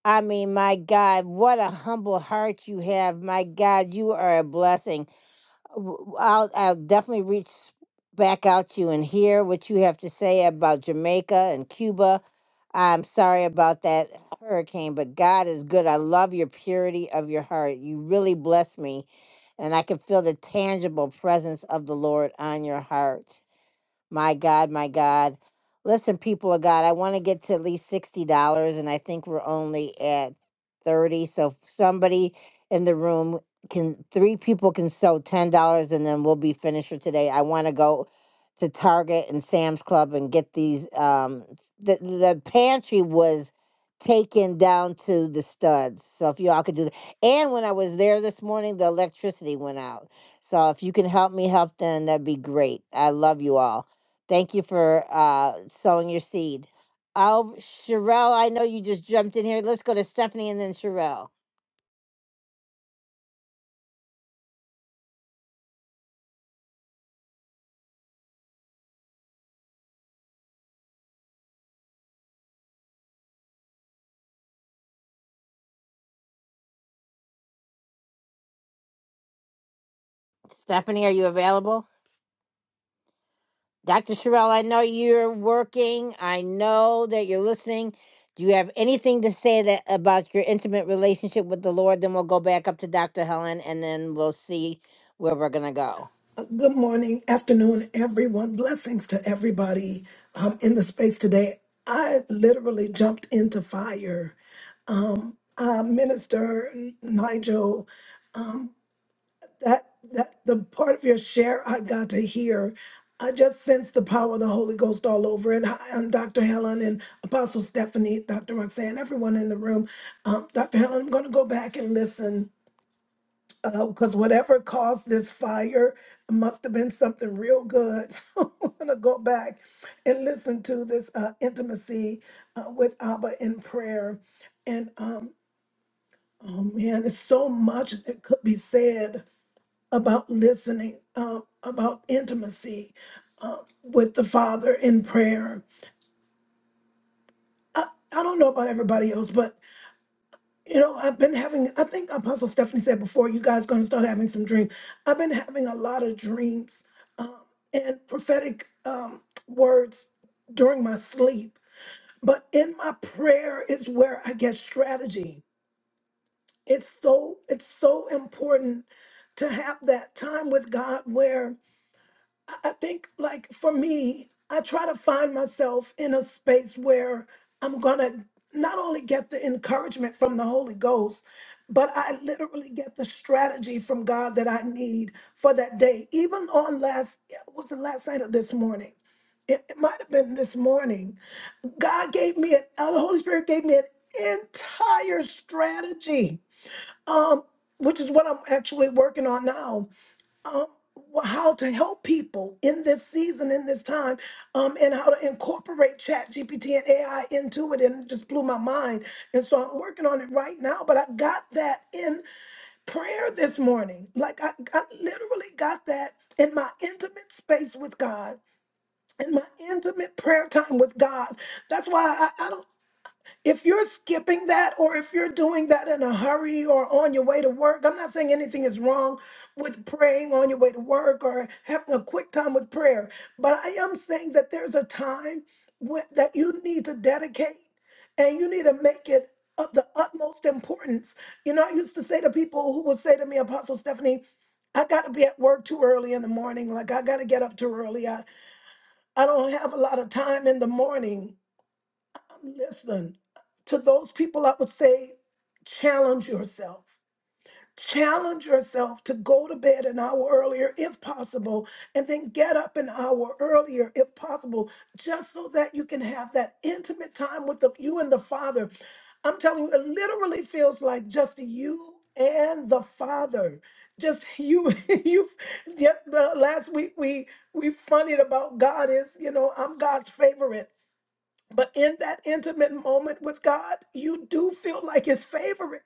[SPEAKER 1] I mean, my God, what a humble heart you have. My God, you are a blessing w- w- I'll I'll definitely reach back out to you and hear what you have to say about Jamaica and Cuba. I'm sorry about that hurricane, but God is good. I love your purity of your heart. You really bless me, and I can feel the tangible presence of the Lord on your heart. My God, my God. Listen, people of God, I want to get to at least $60, and I think we're only at 30 So if somebody in the room can, three people can sew $10, and then we'll be finished for today. I want to go to Target and Sam's Club and get these. Um, the, the pantry was taken down to the studs. So if y'all could do that. And when I was there this morning, the electricity went out. So if you can help me help them, that'd be great. I love you all. Thank you for uh, sowing your seed. Oh, Sherelle, I know you just jumped in here. Let's go to Stephanie and then Sherelle. Stephanie, are you available? Dr. Sherelle, I know you're working. I know that you're listening. Do you have anything to say that about your intimate relationship with the Lord? Then we'll go back up to Dr. Helen and then we'll see where we're going to go.
[SPEAKER 8] Good morning, afternoon, everyone. Blessings to everybody um, in the space today. I literally jumped into fire. Um, uh, Minister Nigel, um, that that the part of your share I got to hear, I just sensed the power of the Holy Ghost all over it. Hi, I'm Dr. Helen and Apostle Stephanie, Dr. Roxanne, everyone in the room. Um, Dr. Helen, I'm going to go back and listen because whatever caused this fire must have been something real good. So I'm gonna go back and listen to this uh, intimacy uh, with Abba in prayer. And um, oh man, there's so much that could be said about listening, um, about intimacy uh, with the Father in prayer. I, I don't know about everybody else, but You know, I've been having, I think Apostle Stephanie said before, you guys going to start having some dreams. I've been having a lot of dreams um, and prophetic um, words during my sleep. But in my prayer is where I get strategy. It's so, it's so important to have that time with God where I think, like, for me, I try to find myself in a space where I'm going to not only get the encouragement from the Holy Ghost, but I literally get the strategy from God that I need for that day. Even on last, it was the last night of this morning. It, it might have been this morning. God gave me, an, uh, the Holy Spirit gave me an entire strategy, um, which is what I'm actually working on now um, wh- how to help people in this season, in this time, um, and how to incorporate Chat GPT and AI into it, and it just blew my mind. And so I'm working on it right now. But I got that in prayer this morning. Like I, I literally got that in my intimate space with God. In my intimate prayer time with God. That's why I, I don't if you're skipping that or if you're doing that in a hurry or on your way to work, I'm not saying anything is wrong with praying on your way to work or having a quick time with prayer, but I am saying that there's a time when, that you need to dedicate and you need to make it of the utmost importance. You know, I used to say to people who would say to me, Apostle Stephanie, I got to be at work too early in the morning. Like, I got to get up too early. I, I don't have a lot of time in the morning Listen, to those people, I would say challenge yourself. Challenge yourself to go to bed an hour earlier if possible, and then get up an hour earlier if possible, just so that you can have that intimate time with the, you and the Father. I'm telling you, it literally feels like just you and the Father. Just you, you. Yes, the last week we we funnied about God is, you know, I'm God's favorite. But in that intimate moment with God, you do feel like his favorite.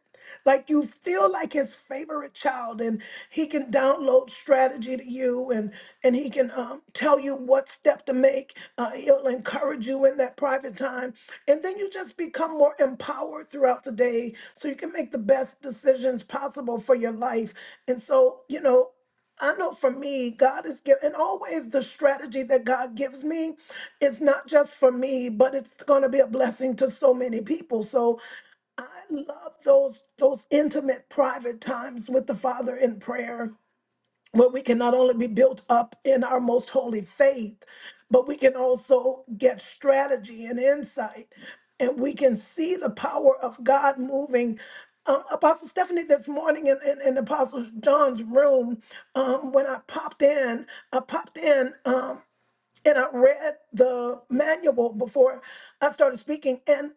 [SPEAKER 8] Like you feel like his favorite child, and he can download strategy to you, and and he can um, tell you what step to make. Uh, he'll encourage you in that private time, and then you just become more empowered throughout the day, so you can make the best decisions possible for your life. And so, you know. I know for me, God is giving, and always the strategy that God gives me is not just for me, but it's going to be a blessing to so many people. So I love those those intimate, private times with the Father in prayer where we can not only be built up in our most holy faith, but we can also get strategy and insight, and we can see the power of God moving. Um, Apostle Stephanie, this morning in, in, in Apostle John's room, um, when I popped in, I popped in. Um, and I read the manual before I started speaking, and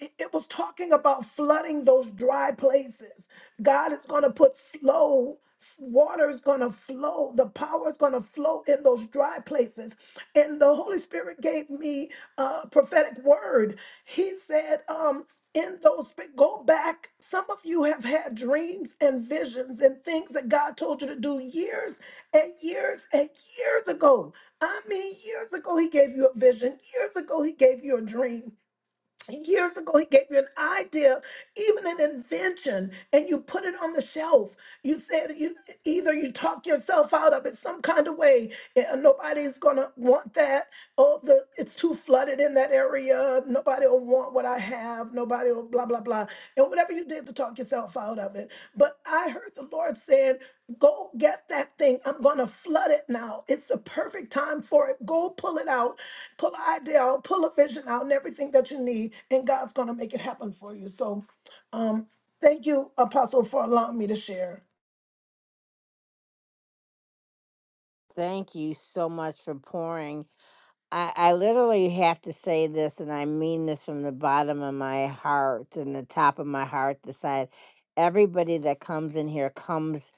[SPEAKER 8] it was talking about flooding those dry places. God is going to put flow, water is going to flow, the power is going to flow in those dry places. And the Holy Spirit gave me a prophetic word. He said, um, in those go back some of you have had dreams and visions and things that god told you to do years and years and years ago I mean, years ago, he gave you a vision. Years ago, he gave you a dream. Years ago, he gave you an idea, even an invention, and you put it on the shelf. You said you either you talk yourself out of it some kind of way. eh, Nobody's gonna want that. Oh, the it's too flooded in that area. Nobody will want what I have. Nobody will blah blah blah. And whatever you did to talk yourself out of it. But I heard the Lord saying, "Go get that thing. I'm gonna flood it now. It's the perfect time for it. Go pull it out." pull an idea out, pull a vision out, and everything that you need, and God's going to make it happen for you. So, um, thank you, Apostle, for allowing me to share.
[SPEAKER 1] Thank you so much for pouring. I, I literally have to say this, and I mean this from the bottom of my heart and the top of my heart, the side. Everybody that comes in here comes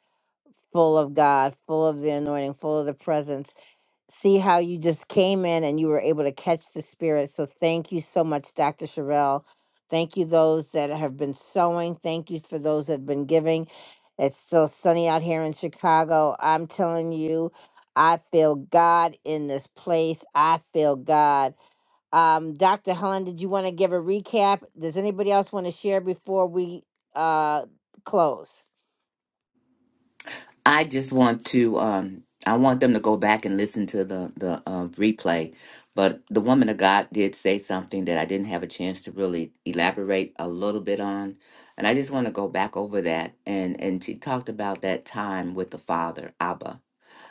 [SPEAKER 1] full of God, full of the anointing, full of the presence see how you just came in and you were able to catch the spirit. So thank you so much, Dr. Sherelle. Thank you those that have been sewing. Thank you for those that have been giving. It's still sunny out here in Chicago. I'm telling you, I feel God in this place. I feel God. Um, Dr. Helen, did you want to give a recap? Does anybody else want to share before we uh, close?
[SPEAKER 2] I just want to. Um, I want them to go back and listen to the the uh, replay. But the woman of God did say something that I didn't have a chance to really elaborate a little bit on, and I just want to go back over that. And and she talked about that time with the Father, Abba,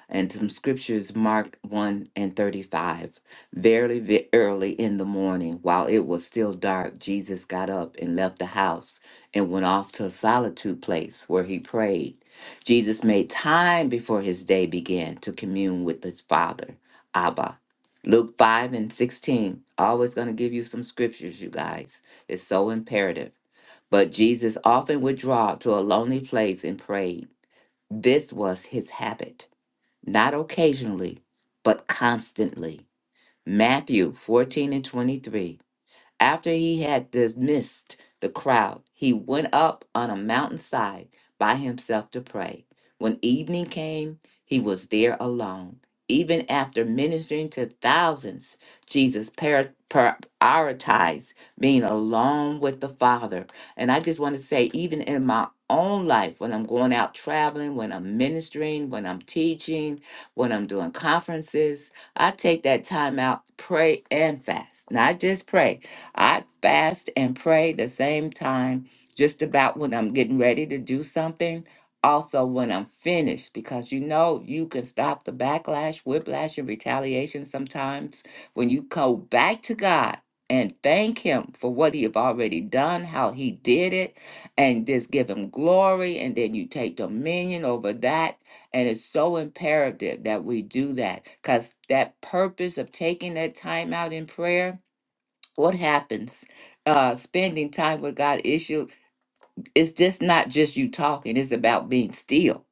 [SPEAKER 2] and some scriptures mark 1 and 35 verily ve- early in the morning while it was still dark jesus got up and left the house and went off to a solitude place where he prayed jesus made time before his day began to commune with his father abba luke 5 and 16 always going to give you some scriptures you guys it's so imperative but jesus often withdrew to a lonely place and prayed this was his habit not occasionally, but constantly. Matthew 14 and 23. After he had dismissed the crowd, he went up on a mountainside by himself to pray. When evening came, he was there alone. Even after ministering to thousands, Jesus par- par- prioritized being alone with the Father. And I just want to say, even in my own life, when I'm going out traveling, when I'm ministering, when I'm teaching, when I'm doing conferences, I take that time out, pray and fast. Not just pray, I fast and pray the same time, just about when I'm getting ready to do something, also when I'm finished, because you know you can stop the backlash, whiplash, and retaliation sometimes when you go back to God and thank Him for what He have already done, how He did it, and just give Him glory, and then you take dominion over that. And it's so imperative that we do that because that purpose of taking that time out in prayer what happens uh spending time with god issue it's just not just you talking it's about being still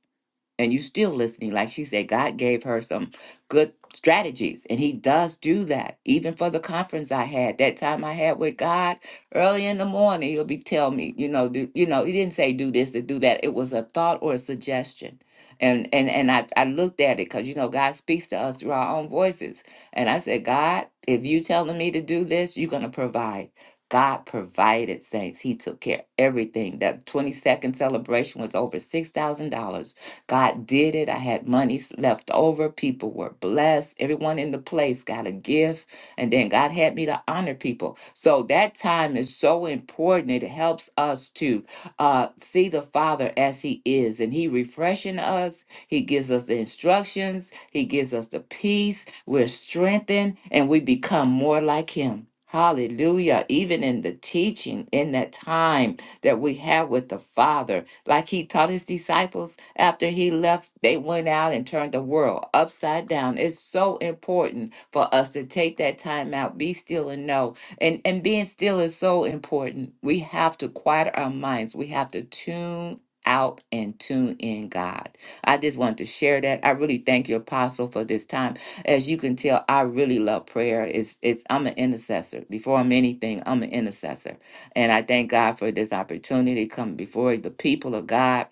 [SPEAKER 2] and you still listening like she said god gave her some good strategies and he does do that even for the conference i had that time i had with god early in the morning he'll be telling me you know do you know he didn't say do this and do that it was a thought or a suggestion and and and i, I looked at it because you know god speaks to us through our own voices and i said god if you telling me to do this you're going to provide God provided saints. He took care of everything. That 22nd celebration was over $6,000 God did it. I had money s- left over. People were blessed. Everyone in the place got a gift. And then God had me to honor people. So that time is so important. It helps us to uh, see the Father as He is. And He refreshing us. He gives us the instructions. He gives us the peace. We're strengthened and we become more like Him. Hallelujah. Even in the teaching, in that time that we have with the Father, like he taught his disciples after he left, they went out and turned the world upside down. It's so important for us to take that time out, be still and know. And and being still is so important. We have to quiet our minds. We have to tune out and tune in God. I just wanted to share that. I really thank you, Apostle, for this time. As you can tell, I really love prayer. It's it's I'm an intercessor. Before I'm anything, I'm an intercessor. And I thank God for this opportunity coming before the people of God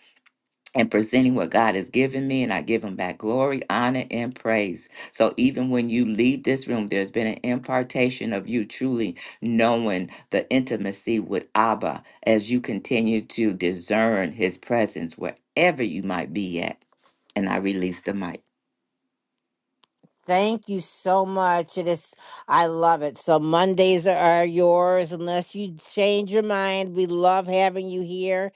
[SPEAKER 2] and presenting what God has given me. And I give him back glory, honor, and praise. So even when you leave this room, there's been an impartation of you truly knowing the intimacy with Abba as you continue to discern his presence wherever you might be at. And I release the mic.
[SPEAKER 1] Thank you so much. It is, I love it. So Mondays are yours, unless you change your mind. We love having you here.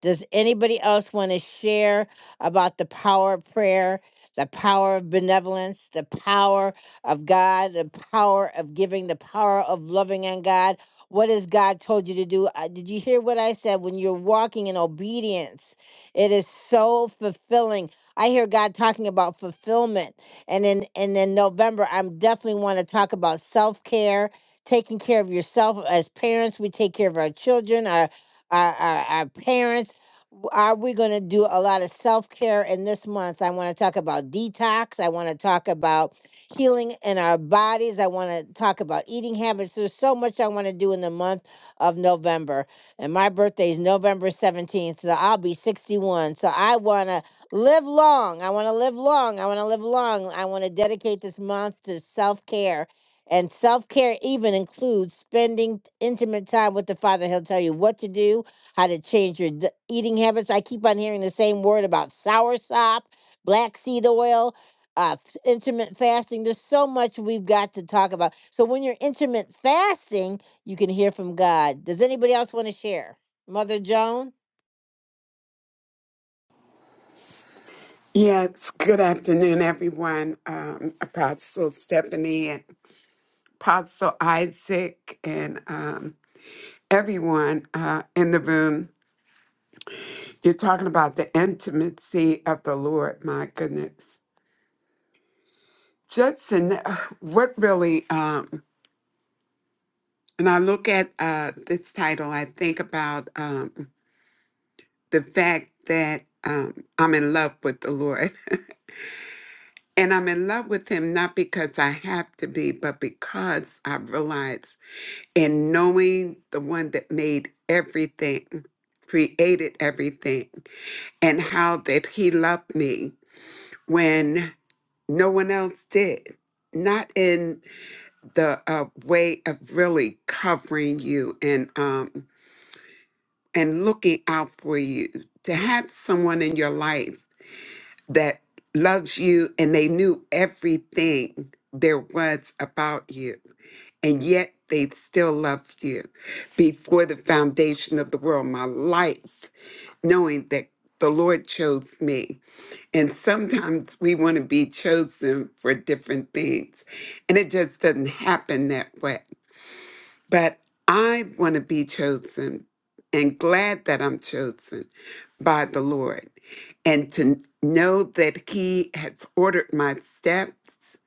[SPEAKER 1] Does anybody else want to share about the power of prayer, the power of benevolence, the power of God, the power of giving, the power of loving on God? What has God told you to do? Uh, Did you hear what I said? When you're walking in obedience, it is so fulfilling. I hear God talking about fulfillment. And in and in November, i definitely want to talk about self-care, taking care of yourself. As parents, we take care of our children, our our, our, our parents w- are we going to do a lot of self care in this month? I want to talk about detox. I want to talk about healing in our bodies. I want to talk about eating habits. There's so much I want to do in the month of November. And my birthday is November 17th, so I'll be 61. So I want to live long. I want to live long. I want to live long. I want to dedicate this month to self care. And self care even includes spending intimate time with the Father. He'll tell you what to do how to change your d- eating habits. I keep on hearing the same word about soursop, black seed oil, uh, f- intermittent fasting. There's so much we've got to talk about. So when you're intermittent fasting, you can hear from God. Does anybody else want to share? Mother Joan?
[SPEAKER 9] Yes, good afternoon, everyone. Um, Apostle Stephanie and Apostle Isaac and um, everyone uh, in the room. You're talking about the intimacy of the Lord. My goodness. Judson, uh, what really, um, when I look at uh, this title, I think about um, the fact that um, I'm in love with the Lord. And I'm in love with him not because I have to be, but because I realize and knowing the one that made everything, created everything, and how that he loved me when no one else did. Not in the uh, way of really covering you and um, and looking out for you. To have someone in your life that loves you and they knew everything there was about you. And yet they still loved you before the foundation of the world, my life, knowing that the Lord chose me. And sometimes we want to be chosen for different things, and it just doesn't happen that way. But I want to be chosen and glad that I'm chosen by the Lord and to know that He has ordered my steps,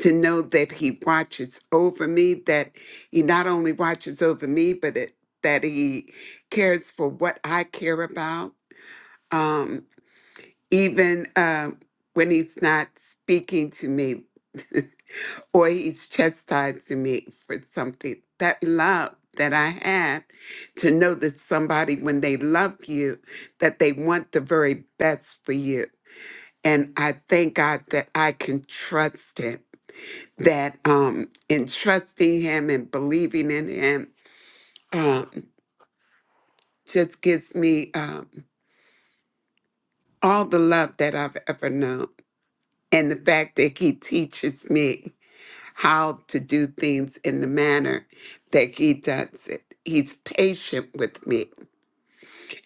[SPEAKER 9] to know that He watches over me, that He not only watches over me, but it, that He cares for what I care about. Um, even uh, when He's not speaking to me, or he's chastised me for something. That love that I have to know that somebody, when they love you, that they want the very best for you. And I thank God that I can trust Him. That um, in trusting Him and believing in Him, um, just gives me um, all the love that I've ever known, and the fact that He teaches me. how to do things in the manner that he does it. He's patient with me.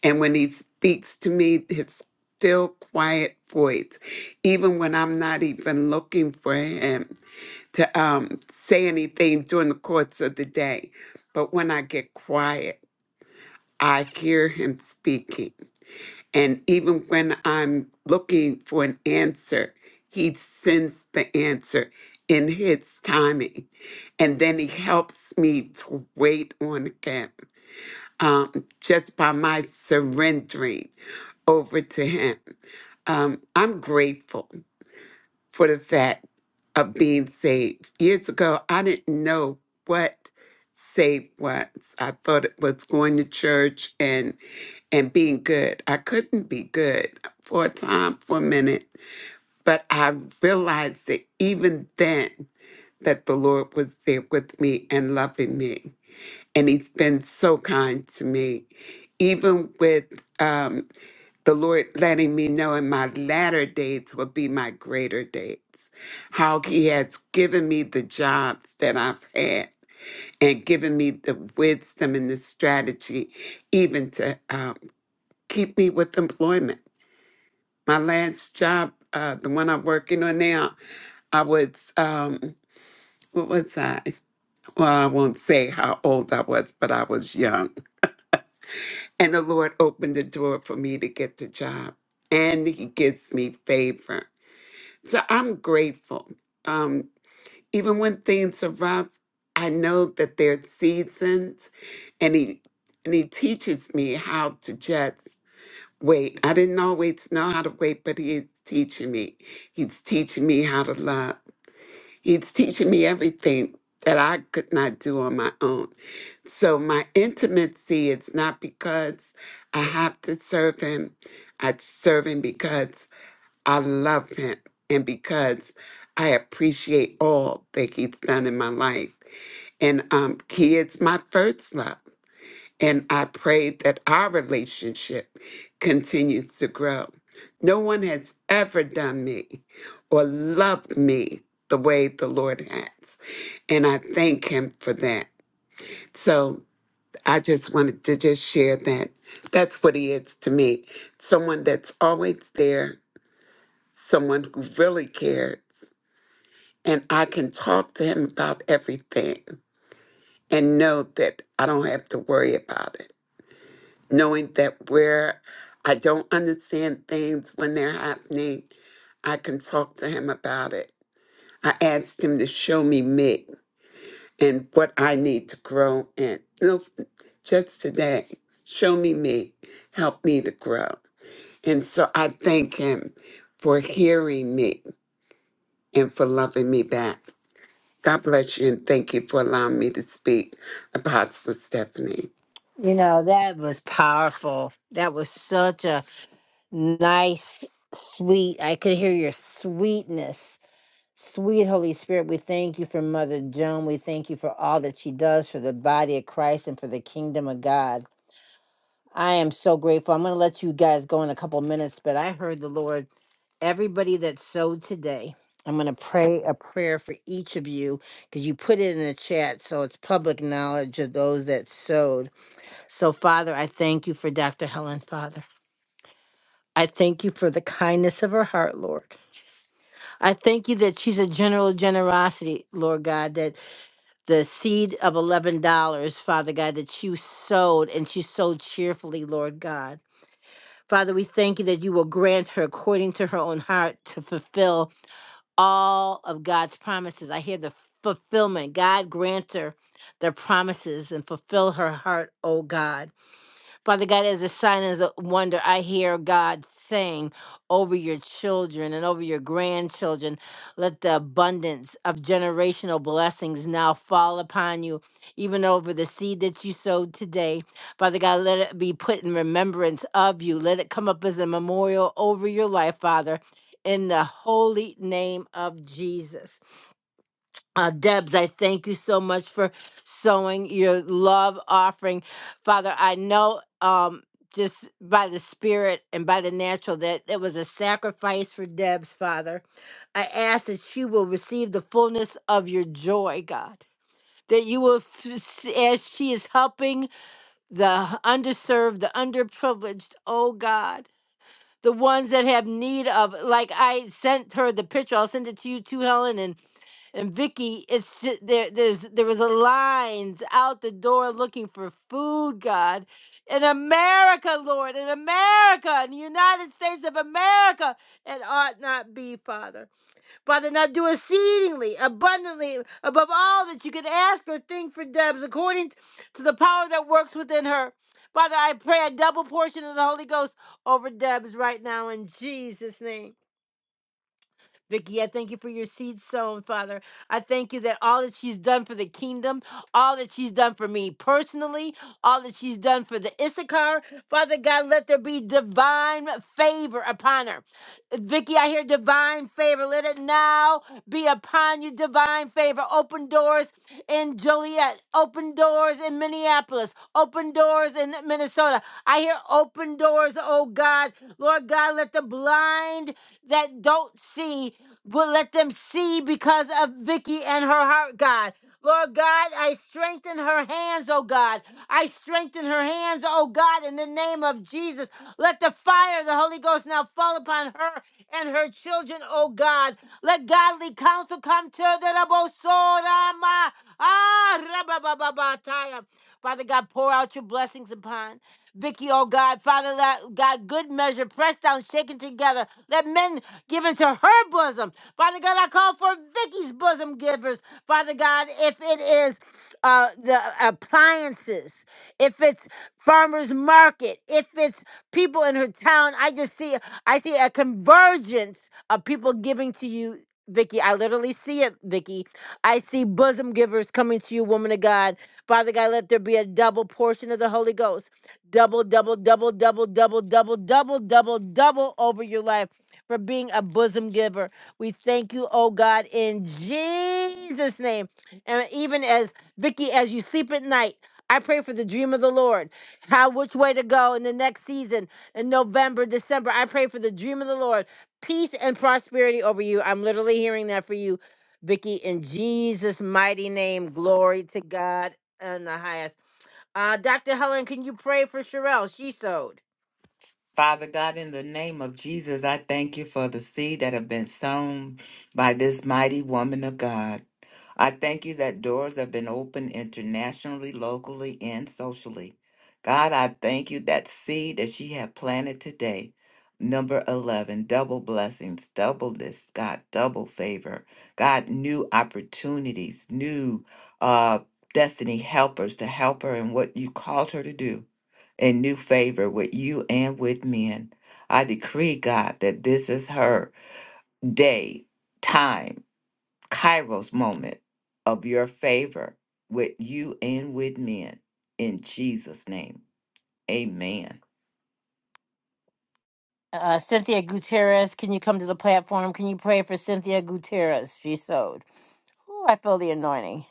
[SPEAKER 9] And when he speaks to me, his still quiet voice, even when I'm not even looking for him to um, say anything during the course of the day. But when I get quiet, I hear him speaking. And even when I'm looking for an answer, he sends the answer in his timing. And then he helps me to wait on him um, just by my surrendering over to him. Um, I'm grateful for the fact of being saved. Years ago, I didn't know what saved was. I thought it was going to church and and being good. I couldn't be good for a time, for a minute, but I realized that even then that the Lord was there with me and loving me. And he's been so kind to me. Even with um the Lord letting me know in my latter dates will be my greater dates. How He has given me the jobs that I've had and given me the wisdom and the strategy, even to um, keep me with employment. My last job, uh, the one I'm working on now, I was, um, what was I? Well, I won't say how old I was, but I was young. And the Lord opened the door for me to get the job, and He gives me favor So I'm grateful. Um, even when things are rough, I know that there are seasons, and he and he teaches me how to just wait. I didn't always know how to wait, but he's teaching me. He's teaching me how to love. He's teaching me everything that I could not do on my own. So my intimacy is not because I have to serve him. I serve him because I love him and because I appreciate all that he's done in my life. And um, he is my first love. And I pray that our relationship continues to grow. No one has ever done me or loved me the way the Lord has. And I thank him for that. So I just wanted to just share that. That's what he is to me someone that's always there someone who really cares and I can talk to him about everything and know that I don't have to worry about it. Knowing that where I don't understand things when they're happening, I can talk to him about it. I asked him to show me me and what I need to grow in. You know, just today, show me me, help me to grow. And so I thank him for hearing me and for loving me back. God bless you and thank you for allowing me to speak, Apostle Stephanie.
[SPEAKER 1] You know, that was powerful. That was such a nice, sweet, I could hear your sweetness Sweet Holy Spirit, we thank you for Mother Joan. We thank you for all that she does for the body of Christ and for the kingdom of God. I am so grateful. I'm going to let you guys go in a couple minutes, but I heard the Lord, everybody that sowed today, I'm going to pray a prayer for each of you because you put it in the chat. So it's public knowledge of those that sowed. So, Father, I thank you for Dr. Helen, Father. I thank you for the kindness of her heart, Lord. I thank you that she's a general generosity, Lord God, that the seed of $11, Father God, that you sowed, and she sowed cheerfully, Lord God. Father, we thank you that you will grant her according to her own heart to fulfill all of God's promises. I hear the fulfillment. God grant her the promises and fulfill her heart, oh God. Father God, as a sign, as a wonder, I hear God saying over your children and over your grandchildren, let the abundance of generational blessings now fall upon you, even over the seed that you sowed today. Father God, let it be put in remembrance of you. Let it come up as a memorial over your life, Father, in the holy name of Jesus. Uh, Debs, I thank you so much for sowing your love offering. Father, I know um, just by the spirit and by the natural that it was a sacrifice for Debs, Father. I ask that she will receive the fullness of your joy, God. That you will, f- s- as she is helping the underserved, the underprivileged, oh God, the ones that have need of, like I sent her the picture, I'll send it to you too, Helen, and. And Vicky, it's just, there. There's there was a lines out the door looking for food, God, in America, Lord, in America, in the United States of America, it ought not be, Father. Father, now do exceedingly, abundantly, above all that you can ask or think for Debs, according to the power that works within her. Father, I pray a double portion of the Holy Ghost over Debs right now in Jesus' name. Vicky, I thank you for your seed sown, Father. I thank you that all that she's done for the kingdom, all that she's done for me personally, all that she's done for the Issachar, Father God, let there be divine favor upon her. Vicky, I hear divine favor. Let it now be upon you, divine favor. Open doors in Joliet, open doors in Minneapolis, open doors in Minnesota. I hear open doors, oh God. Lord God, let the blind that don't see will let them see because of Vicky and her heart, God. Lord God, I strengthen her hands, oh God. I strengthen her hands, oh God, in the name of Jesus. Let the fire of the Holy Ghost now fall upon her and her children, oh God. Let godly counsel come to the Rabosorama. Ah, rabababataya. Father God, pour out your blessings upon Vicky, oh God. Father la- God, good measure, pressed down, shaken together. Let men give into her bosom. Father God, I call for Vicky's bosom givers. Father God, if it is uh, the appliances, if it's farmers market, if it's people in her town, I just see I see a convergence of people giving to you Vicky, I literally see it, Vicky. I see bosom givers coming to you, woman of God. Father God, let there be a double portion of the Holy Ghost. Double, double, double, double, double, double, double, double, double over your life for being a bosom giver. We thank you, oh God, in Jesus' name. And even as Vicky, as you sleep at night, I pray for the dream of the Lord, how which way to go in the next season in November, December. I pray for the dream of the Lord peace and prosperity over you. I'm literally hearing that for you, Vicky, in Jesus' mighty name. Glory to God in the highest. Uh, Dr. Helen, can you pray for Sherelle? She sewed.
[SPEAKER 2] Father God, in the name of Jesus, I thank you for the seed that have been sown by this mighty woman of God. I thank you that doors have been opened internationally, locally, and socially. God, I thank you that seed that she had planted today, number 11, double blessings, double this, God, double favor, God, new opportunities, new uh, destiny helpers to help her in what you called her to do, and new favor with you and with men. I decree, God, that this is her day, time kairos moment of your favor with you and with men. In Jesus' name, amen.
[SPEAKER 1] Uh, Cynthia Gutierrez, can you come to the platform? Can you pray for Cynthia Gutierrez? She sewed. Ooh, I feel the anointing.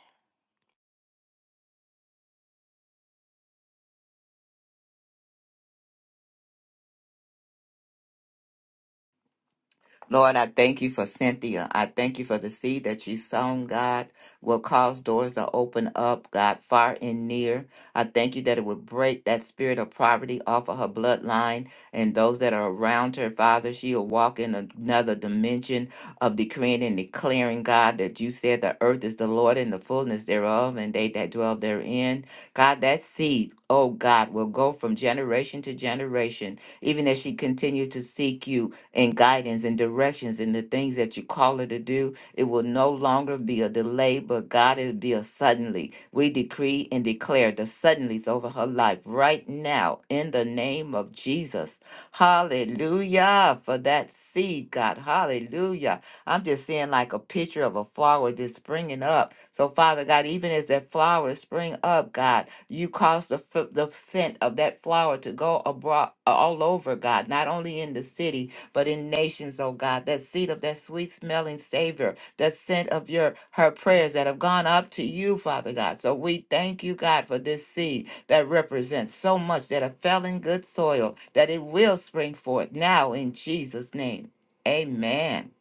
[SPEAKER 2] Lord, I thank you for Cynthia. I thank you for the seed that she sown, God, will cause doors to open up, God, far and near. I thank you that it would break that spirit of poverty off of her bloodline and those that are around her, Father. She will walk in another dimension of decreeing and declaring, God, that you said the earth is the Lord and the fullness thereof, and they that dwell therein. God, that seed, oh God, will go from generation to generation, even as she continues to seek you and guidance and directions and the things that you call her to do. It will no longer be a delay, but God, it'll be a suddenly. We decree and declare the suddenlies over her life right now in the name of Jesus. Hallelujah for that seed, God. Hallelujah. I'm just seeing like a picture of a flower just springing up. So, Father God, even as that flower spring up, God, you cause the, f- the scent of that flower to go abroad all over, God, not only in the city, but in nations, oh God, that seed of that sweet smelling Savior, that scent of your her prayers that have gone up to you, Father God. So we thank you, God, for this seed that represents so much that have fell in good soil, that it will spring forth now in Jesus' name. Amen.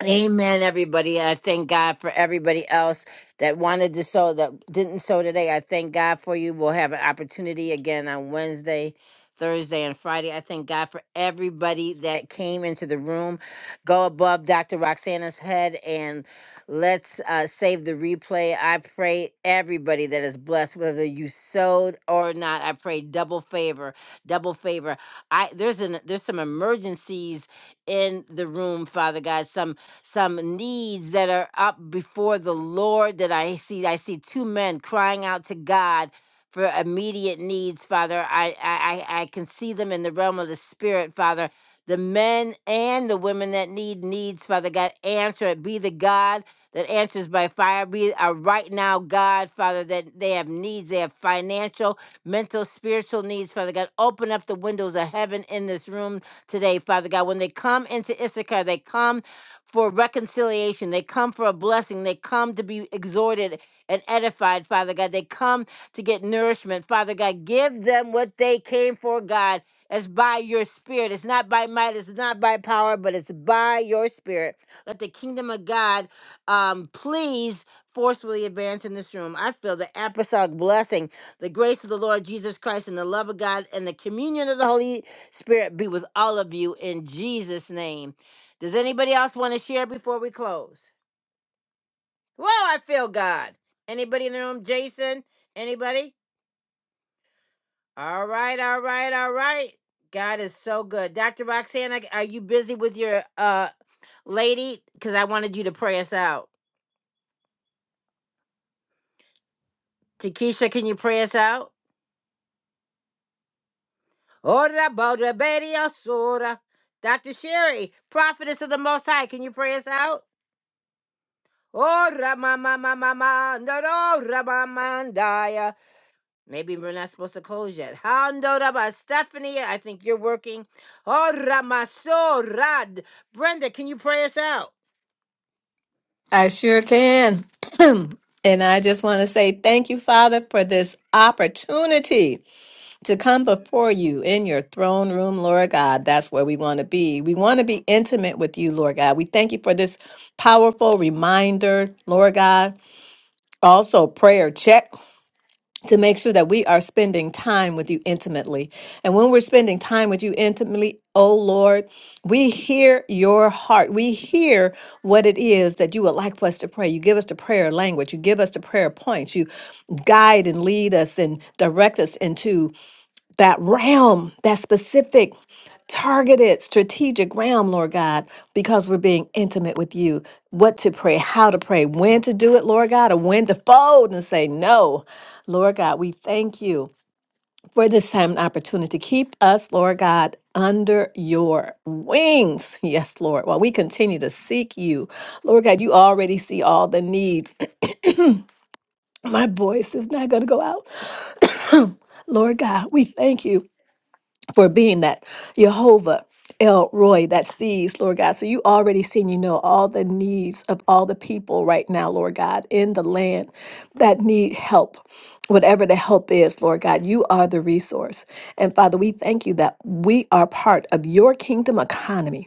[SPEAKER 1] Amen, everybody. I thank God for everybody else that wanted to sow that didn't sow today. I thank God for you. We'll have an opportunity again on Wednesday, Thursday, and Friday. I thank God for everybody that came into the room. Go above Dr. Roxana's head and let's uh, save the replay. I pray everybody that is blessed, whether you sowed or not. I pray double favor, double favor. I there's an there's some emergencies in the room, Father God. Some some needs that are up before the Lord that I see. I see two men crying out to God for immediate needs, Father. I, I, I I can see them in the realm of the Spirit, Father. The men and the women that need needs, Father God, answer it. Be the God that answers by fire. Be a right now God, Father, that they have needs. They have financial, mental, spiritual needs, Father God. Open up the windows of heaven in this room today, Father God. When they come into Issachar, they come for reconciliation. They come for a blessing. They come to be exhorted and edified, Father God. They come to get nourishment, Father God. Give them what they came for, God. It's by your spirit. It's not by might. It's not by power, but it's by your spirit. Let the kingdom of God um, please forcefully advance in this room. I feel the apostolic blessing, the grace of the Lord Jesus Christ, and the love of God, and the communion of the Holy Spirit be with all of you in Jesus' name. Does anybody else want to share before we close? Whoa, I feel God. Anybody in the room? Jason? Anybody? All right, all right, all right. God is so good. Dr. Roxana, are you busy with your uh lady? Because I wanted you to pray us out. Takesha, can you pray us out? Ora boda bedi asura. Dr. Sherry, prophetess of the Most High, can you pray us out? Ora mama mama mama, no, no, Maybe we're not supposed to close yet. Handora by Stephanie, I think you're working. Oh, Ramasorad. Brenda, can you pray us out?
[SPEAKER 5] I sure can. and I just want to say thank you, Father, for this opportunity to come before you in your throne room, Lord God. That's where we want to be. We want to be intimate with you, Lord God. We thank you for this powerful reminder, Lord God. Also, prayer check to make sure that we are spending time with you intimately. And when we're spending time with you intimately, oh Lord, we hear your heart. We hear what it is that you would like for us to pray. You give us the prayer language, you give us the prayer points, you guide and lead us and direct us into that realm, that specific, targeted, strategic realm, Lord God, because we're being intimate with you. What to pray, how to pray, when to do it, Lord God, and when to fold and say no. Lord God, we thank you for this time and opportunity. Keep us, Lord God, under your wings. Yes, Lord. While we continue to seek you, Lord God, you already see all the needs. My voice is not going to go out. Lord God, we thank you for being that Jehovah El Roy that sees, Lord God. So you already seen, you know, all the needs of all the people right now, Lord God, in the land that need help. Whatever the help is, Lord God, you are the resource. And Father, we thank you that we are part of your kingdom economy.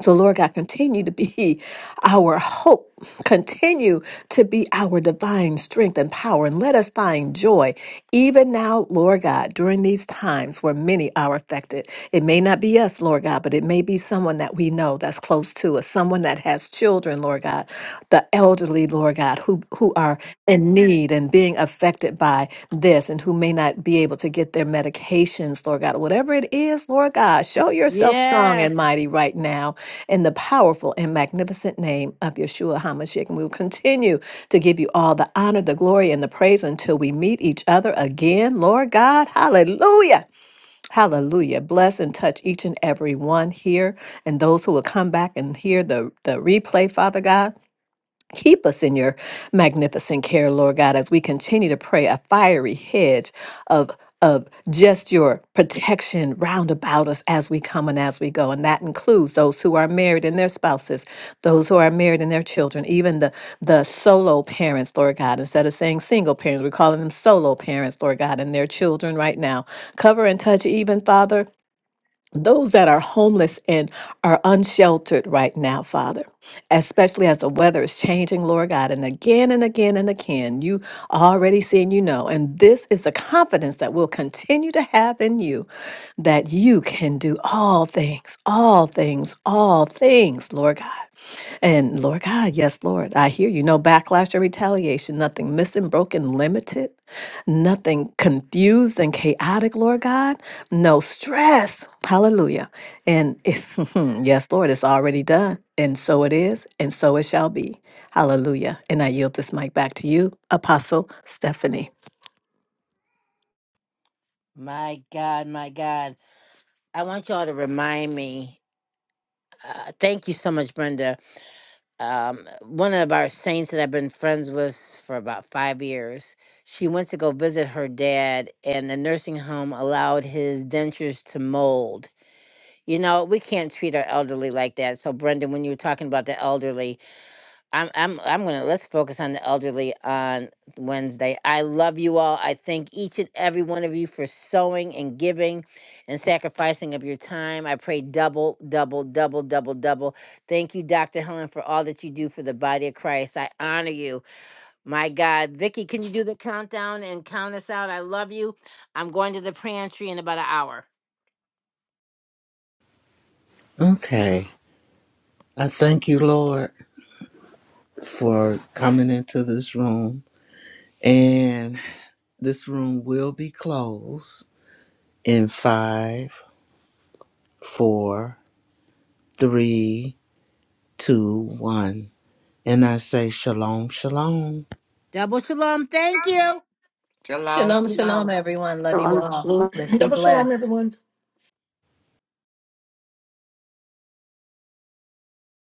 [SPEAKER 5] So, Lord God, continue to be our hope. Continue to be our divine strength and power. And let us find joy, even now, Lord God, during these times where many are affected. It may not be us, Lord God, but it may be someone that we know that's close to us, someone that has children, Lord God, the elderly, Lord God, who, who are in need and being affected by this and who may not be able to get their medications, Lord God. Whatever it is, Lord God,
[SPEAKER 1] Yes.
[SPEAKER 5] show yourself strong and
[SPEAKER 1] Yes.
[SPEAKER 5] mighty right now in the powerful and magnificent name of Yeshua HaMashiach. And we will continue to give you all the honor, the glory, and the praise until we meet each other again, Lord God. Hallelujah. Hallelujah. Bless and touch each and every one here and those who will come back and hear the, the replay, Father God. Keep us in your magnificent care, Lord God, as we continue to pray a fiery hedge of of just your protection round about us as we come and as we go. And that includes those who are married and their spouses, those who are married and their children, even the the solo parents, Lord God. Instead of saying single parents, we're calling them solo parents, Lord God, and their children right now. Cover and touch even Father those that are homeless and are unsheltered right now, Father, especially as the weather is changing, Lord God, and again and again and again, you already see and you know. And this is the confidence that we'll continue to have in you that you can do all things, all things, all things, Lord God. And Lord God, yes, Lord, I hear you. No backlash or retaliation, nothing missing, broken, limited, nothing confused and chaotic, Lord God, no stress. Hallelujah. And it's, yes, Lord, it's already done. And so it is, and so it shall be. Hallelujah. And I yield this mic back to you, Apostle Stephanie.
[SPEAKER 1] My God, my God. I want y'all to remind me. Uh, thank you so much, Brenda. Um, one of our saints that I've been friends with for about five years, she went to go visit her dad, and the nursing home allowed his dentures to mold. You know, we can't treat our elderly like that. So, Brendan, when you were talking about the elderly, I'm I'm I'm gonna let's focus on the elderly on Wednesday. I love you all. I thank each and every one of you for sowing and giving and sacrificing of your time. I pray double, double, double, double, double. Thank you, Dr. Helen, for all that you do for the body of Christ. I honor you. My God. Vicky, can you do the countdown and count us out? I love you. I'm going to the pantry in about an hour.
[SPEAKER 3] Okay. I thank you, Lord, for coming into this room. And this room will be closed in five, four, three, two, one. And I say, Shalom, Shalom.
[SPEAKER 1] Double shalom. Thank you.
[SPEAKER 2] Shalom,
[SPEAKER 5] Shalom,
[SPEAKER 2] shalom.
[SPEAKER 5] shalom, everyone. Love you
[SPEAKER 9] Shalom,
[SPEAKER 5] all.
[SPEAKER 9] shalom.
[SPEAKER 5] Let's be
[SPEAKER 8] Double shalom,
[SPEAKER 5] blessed.
[SPEAKER 8] everyone.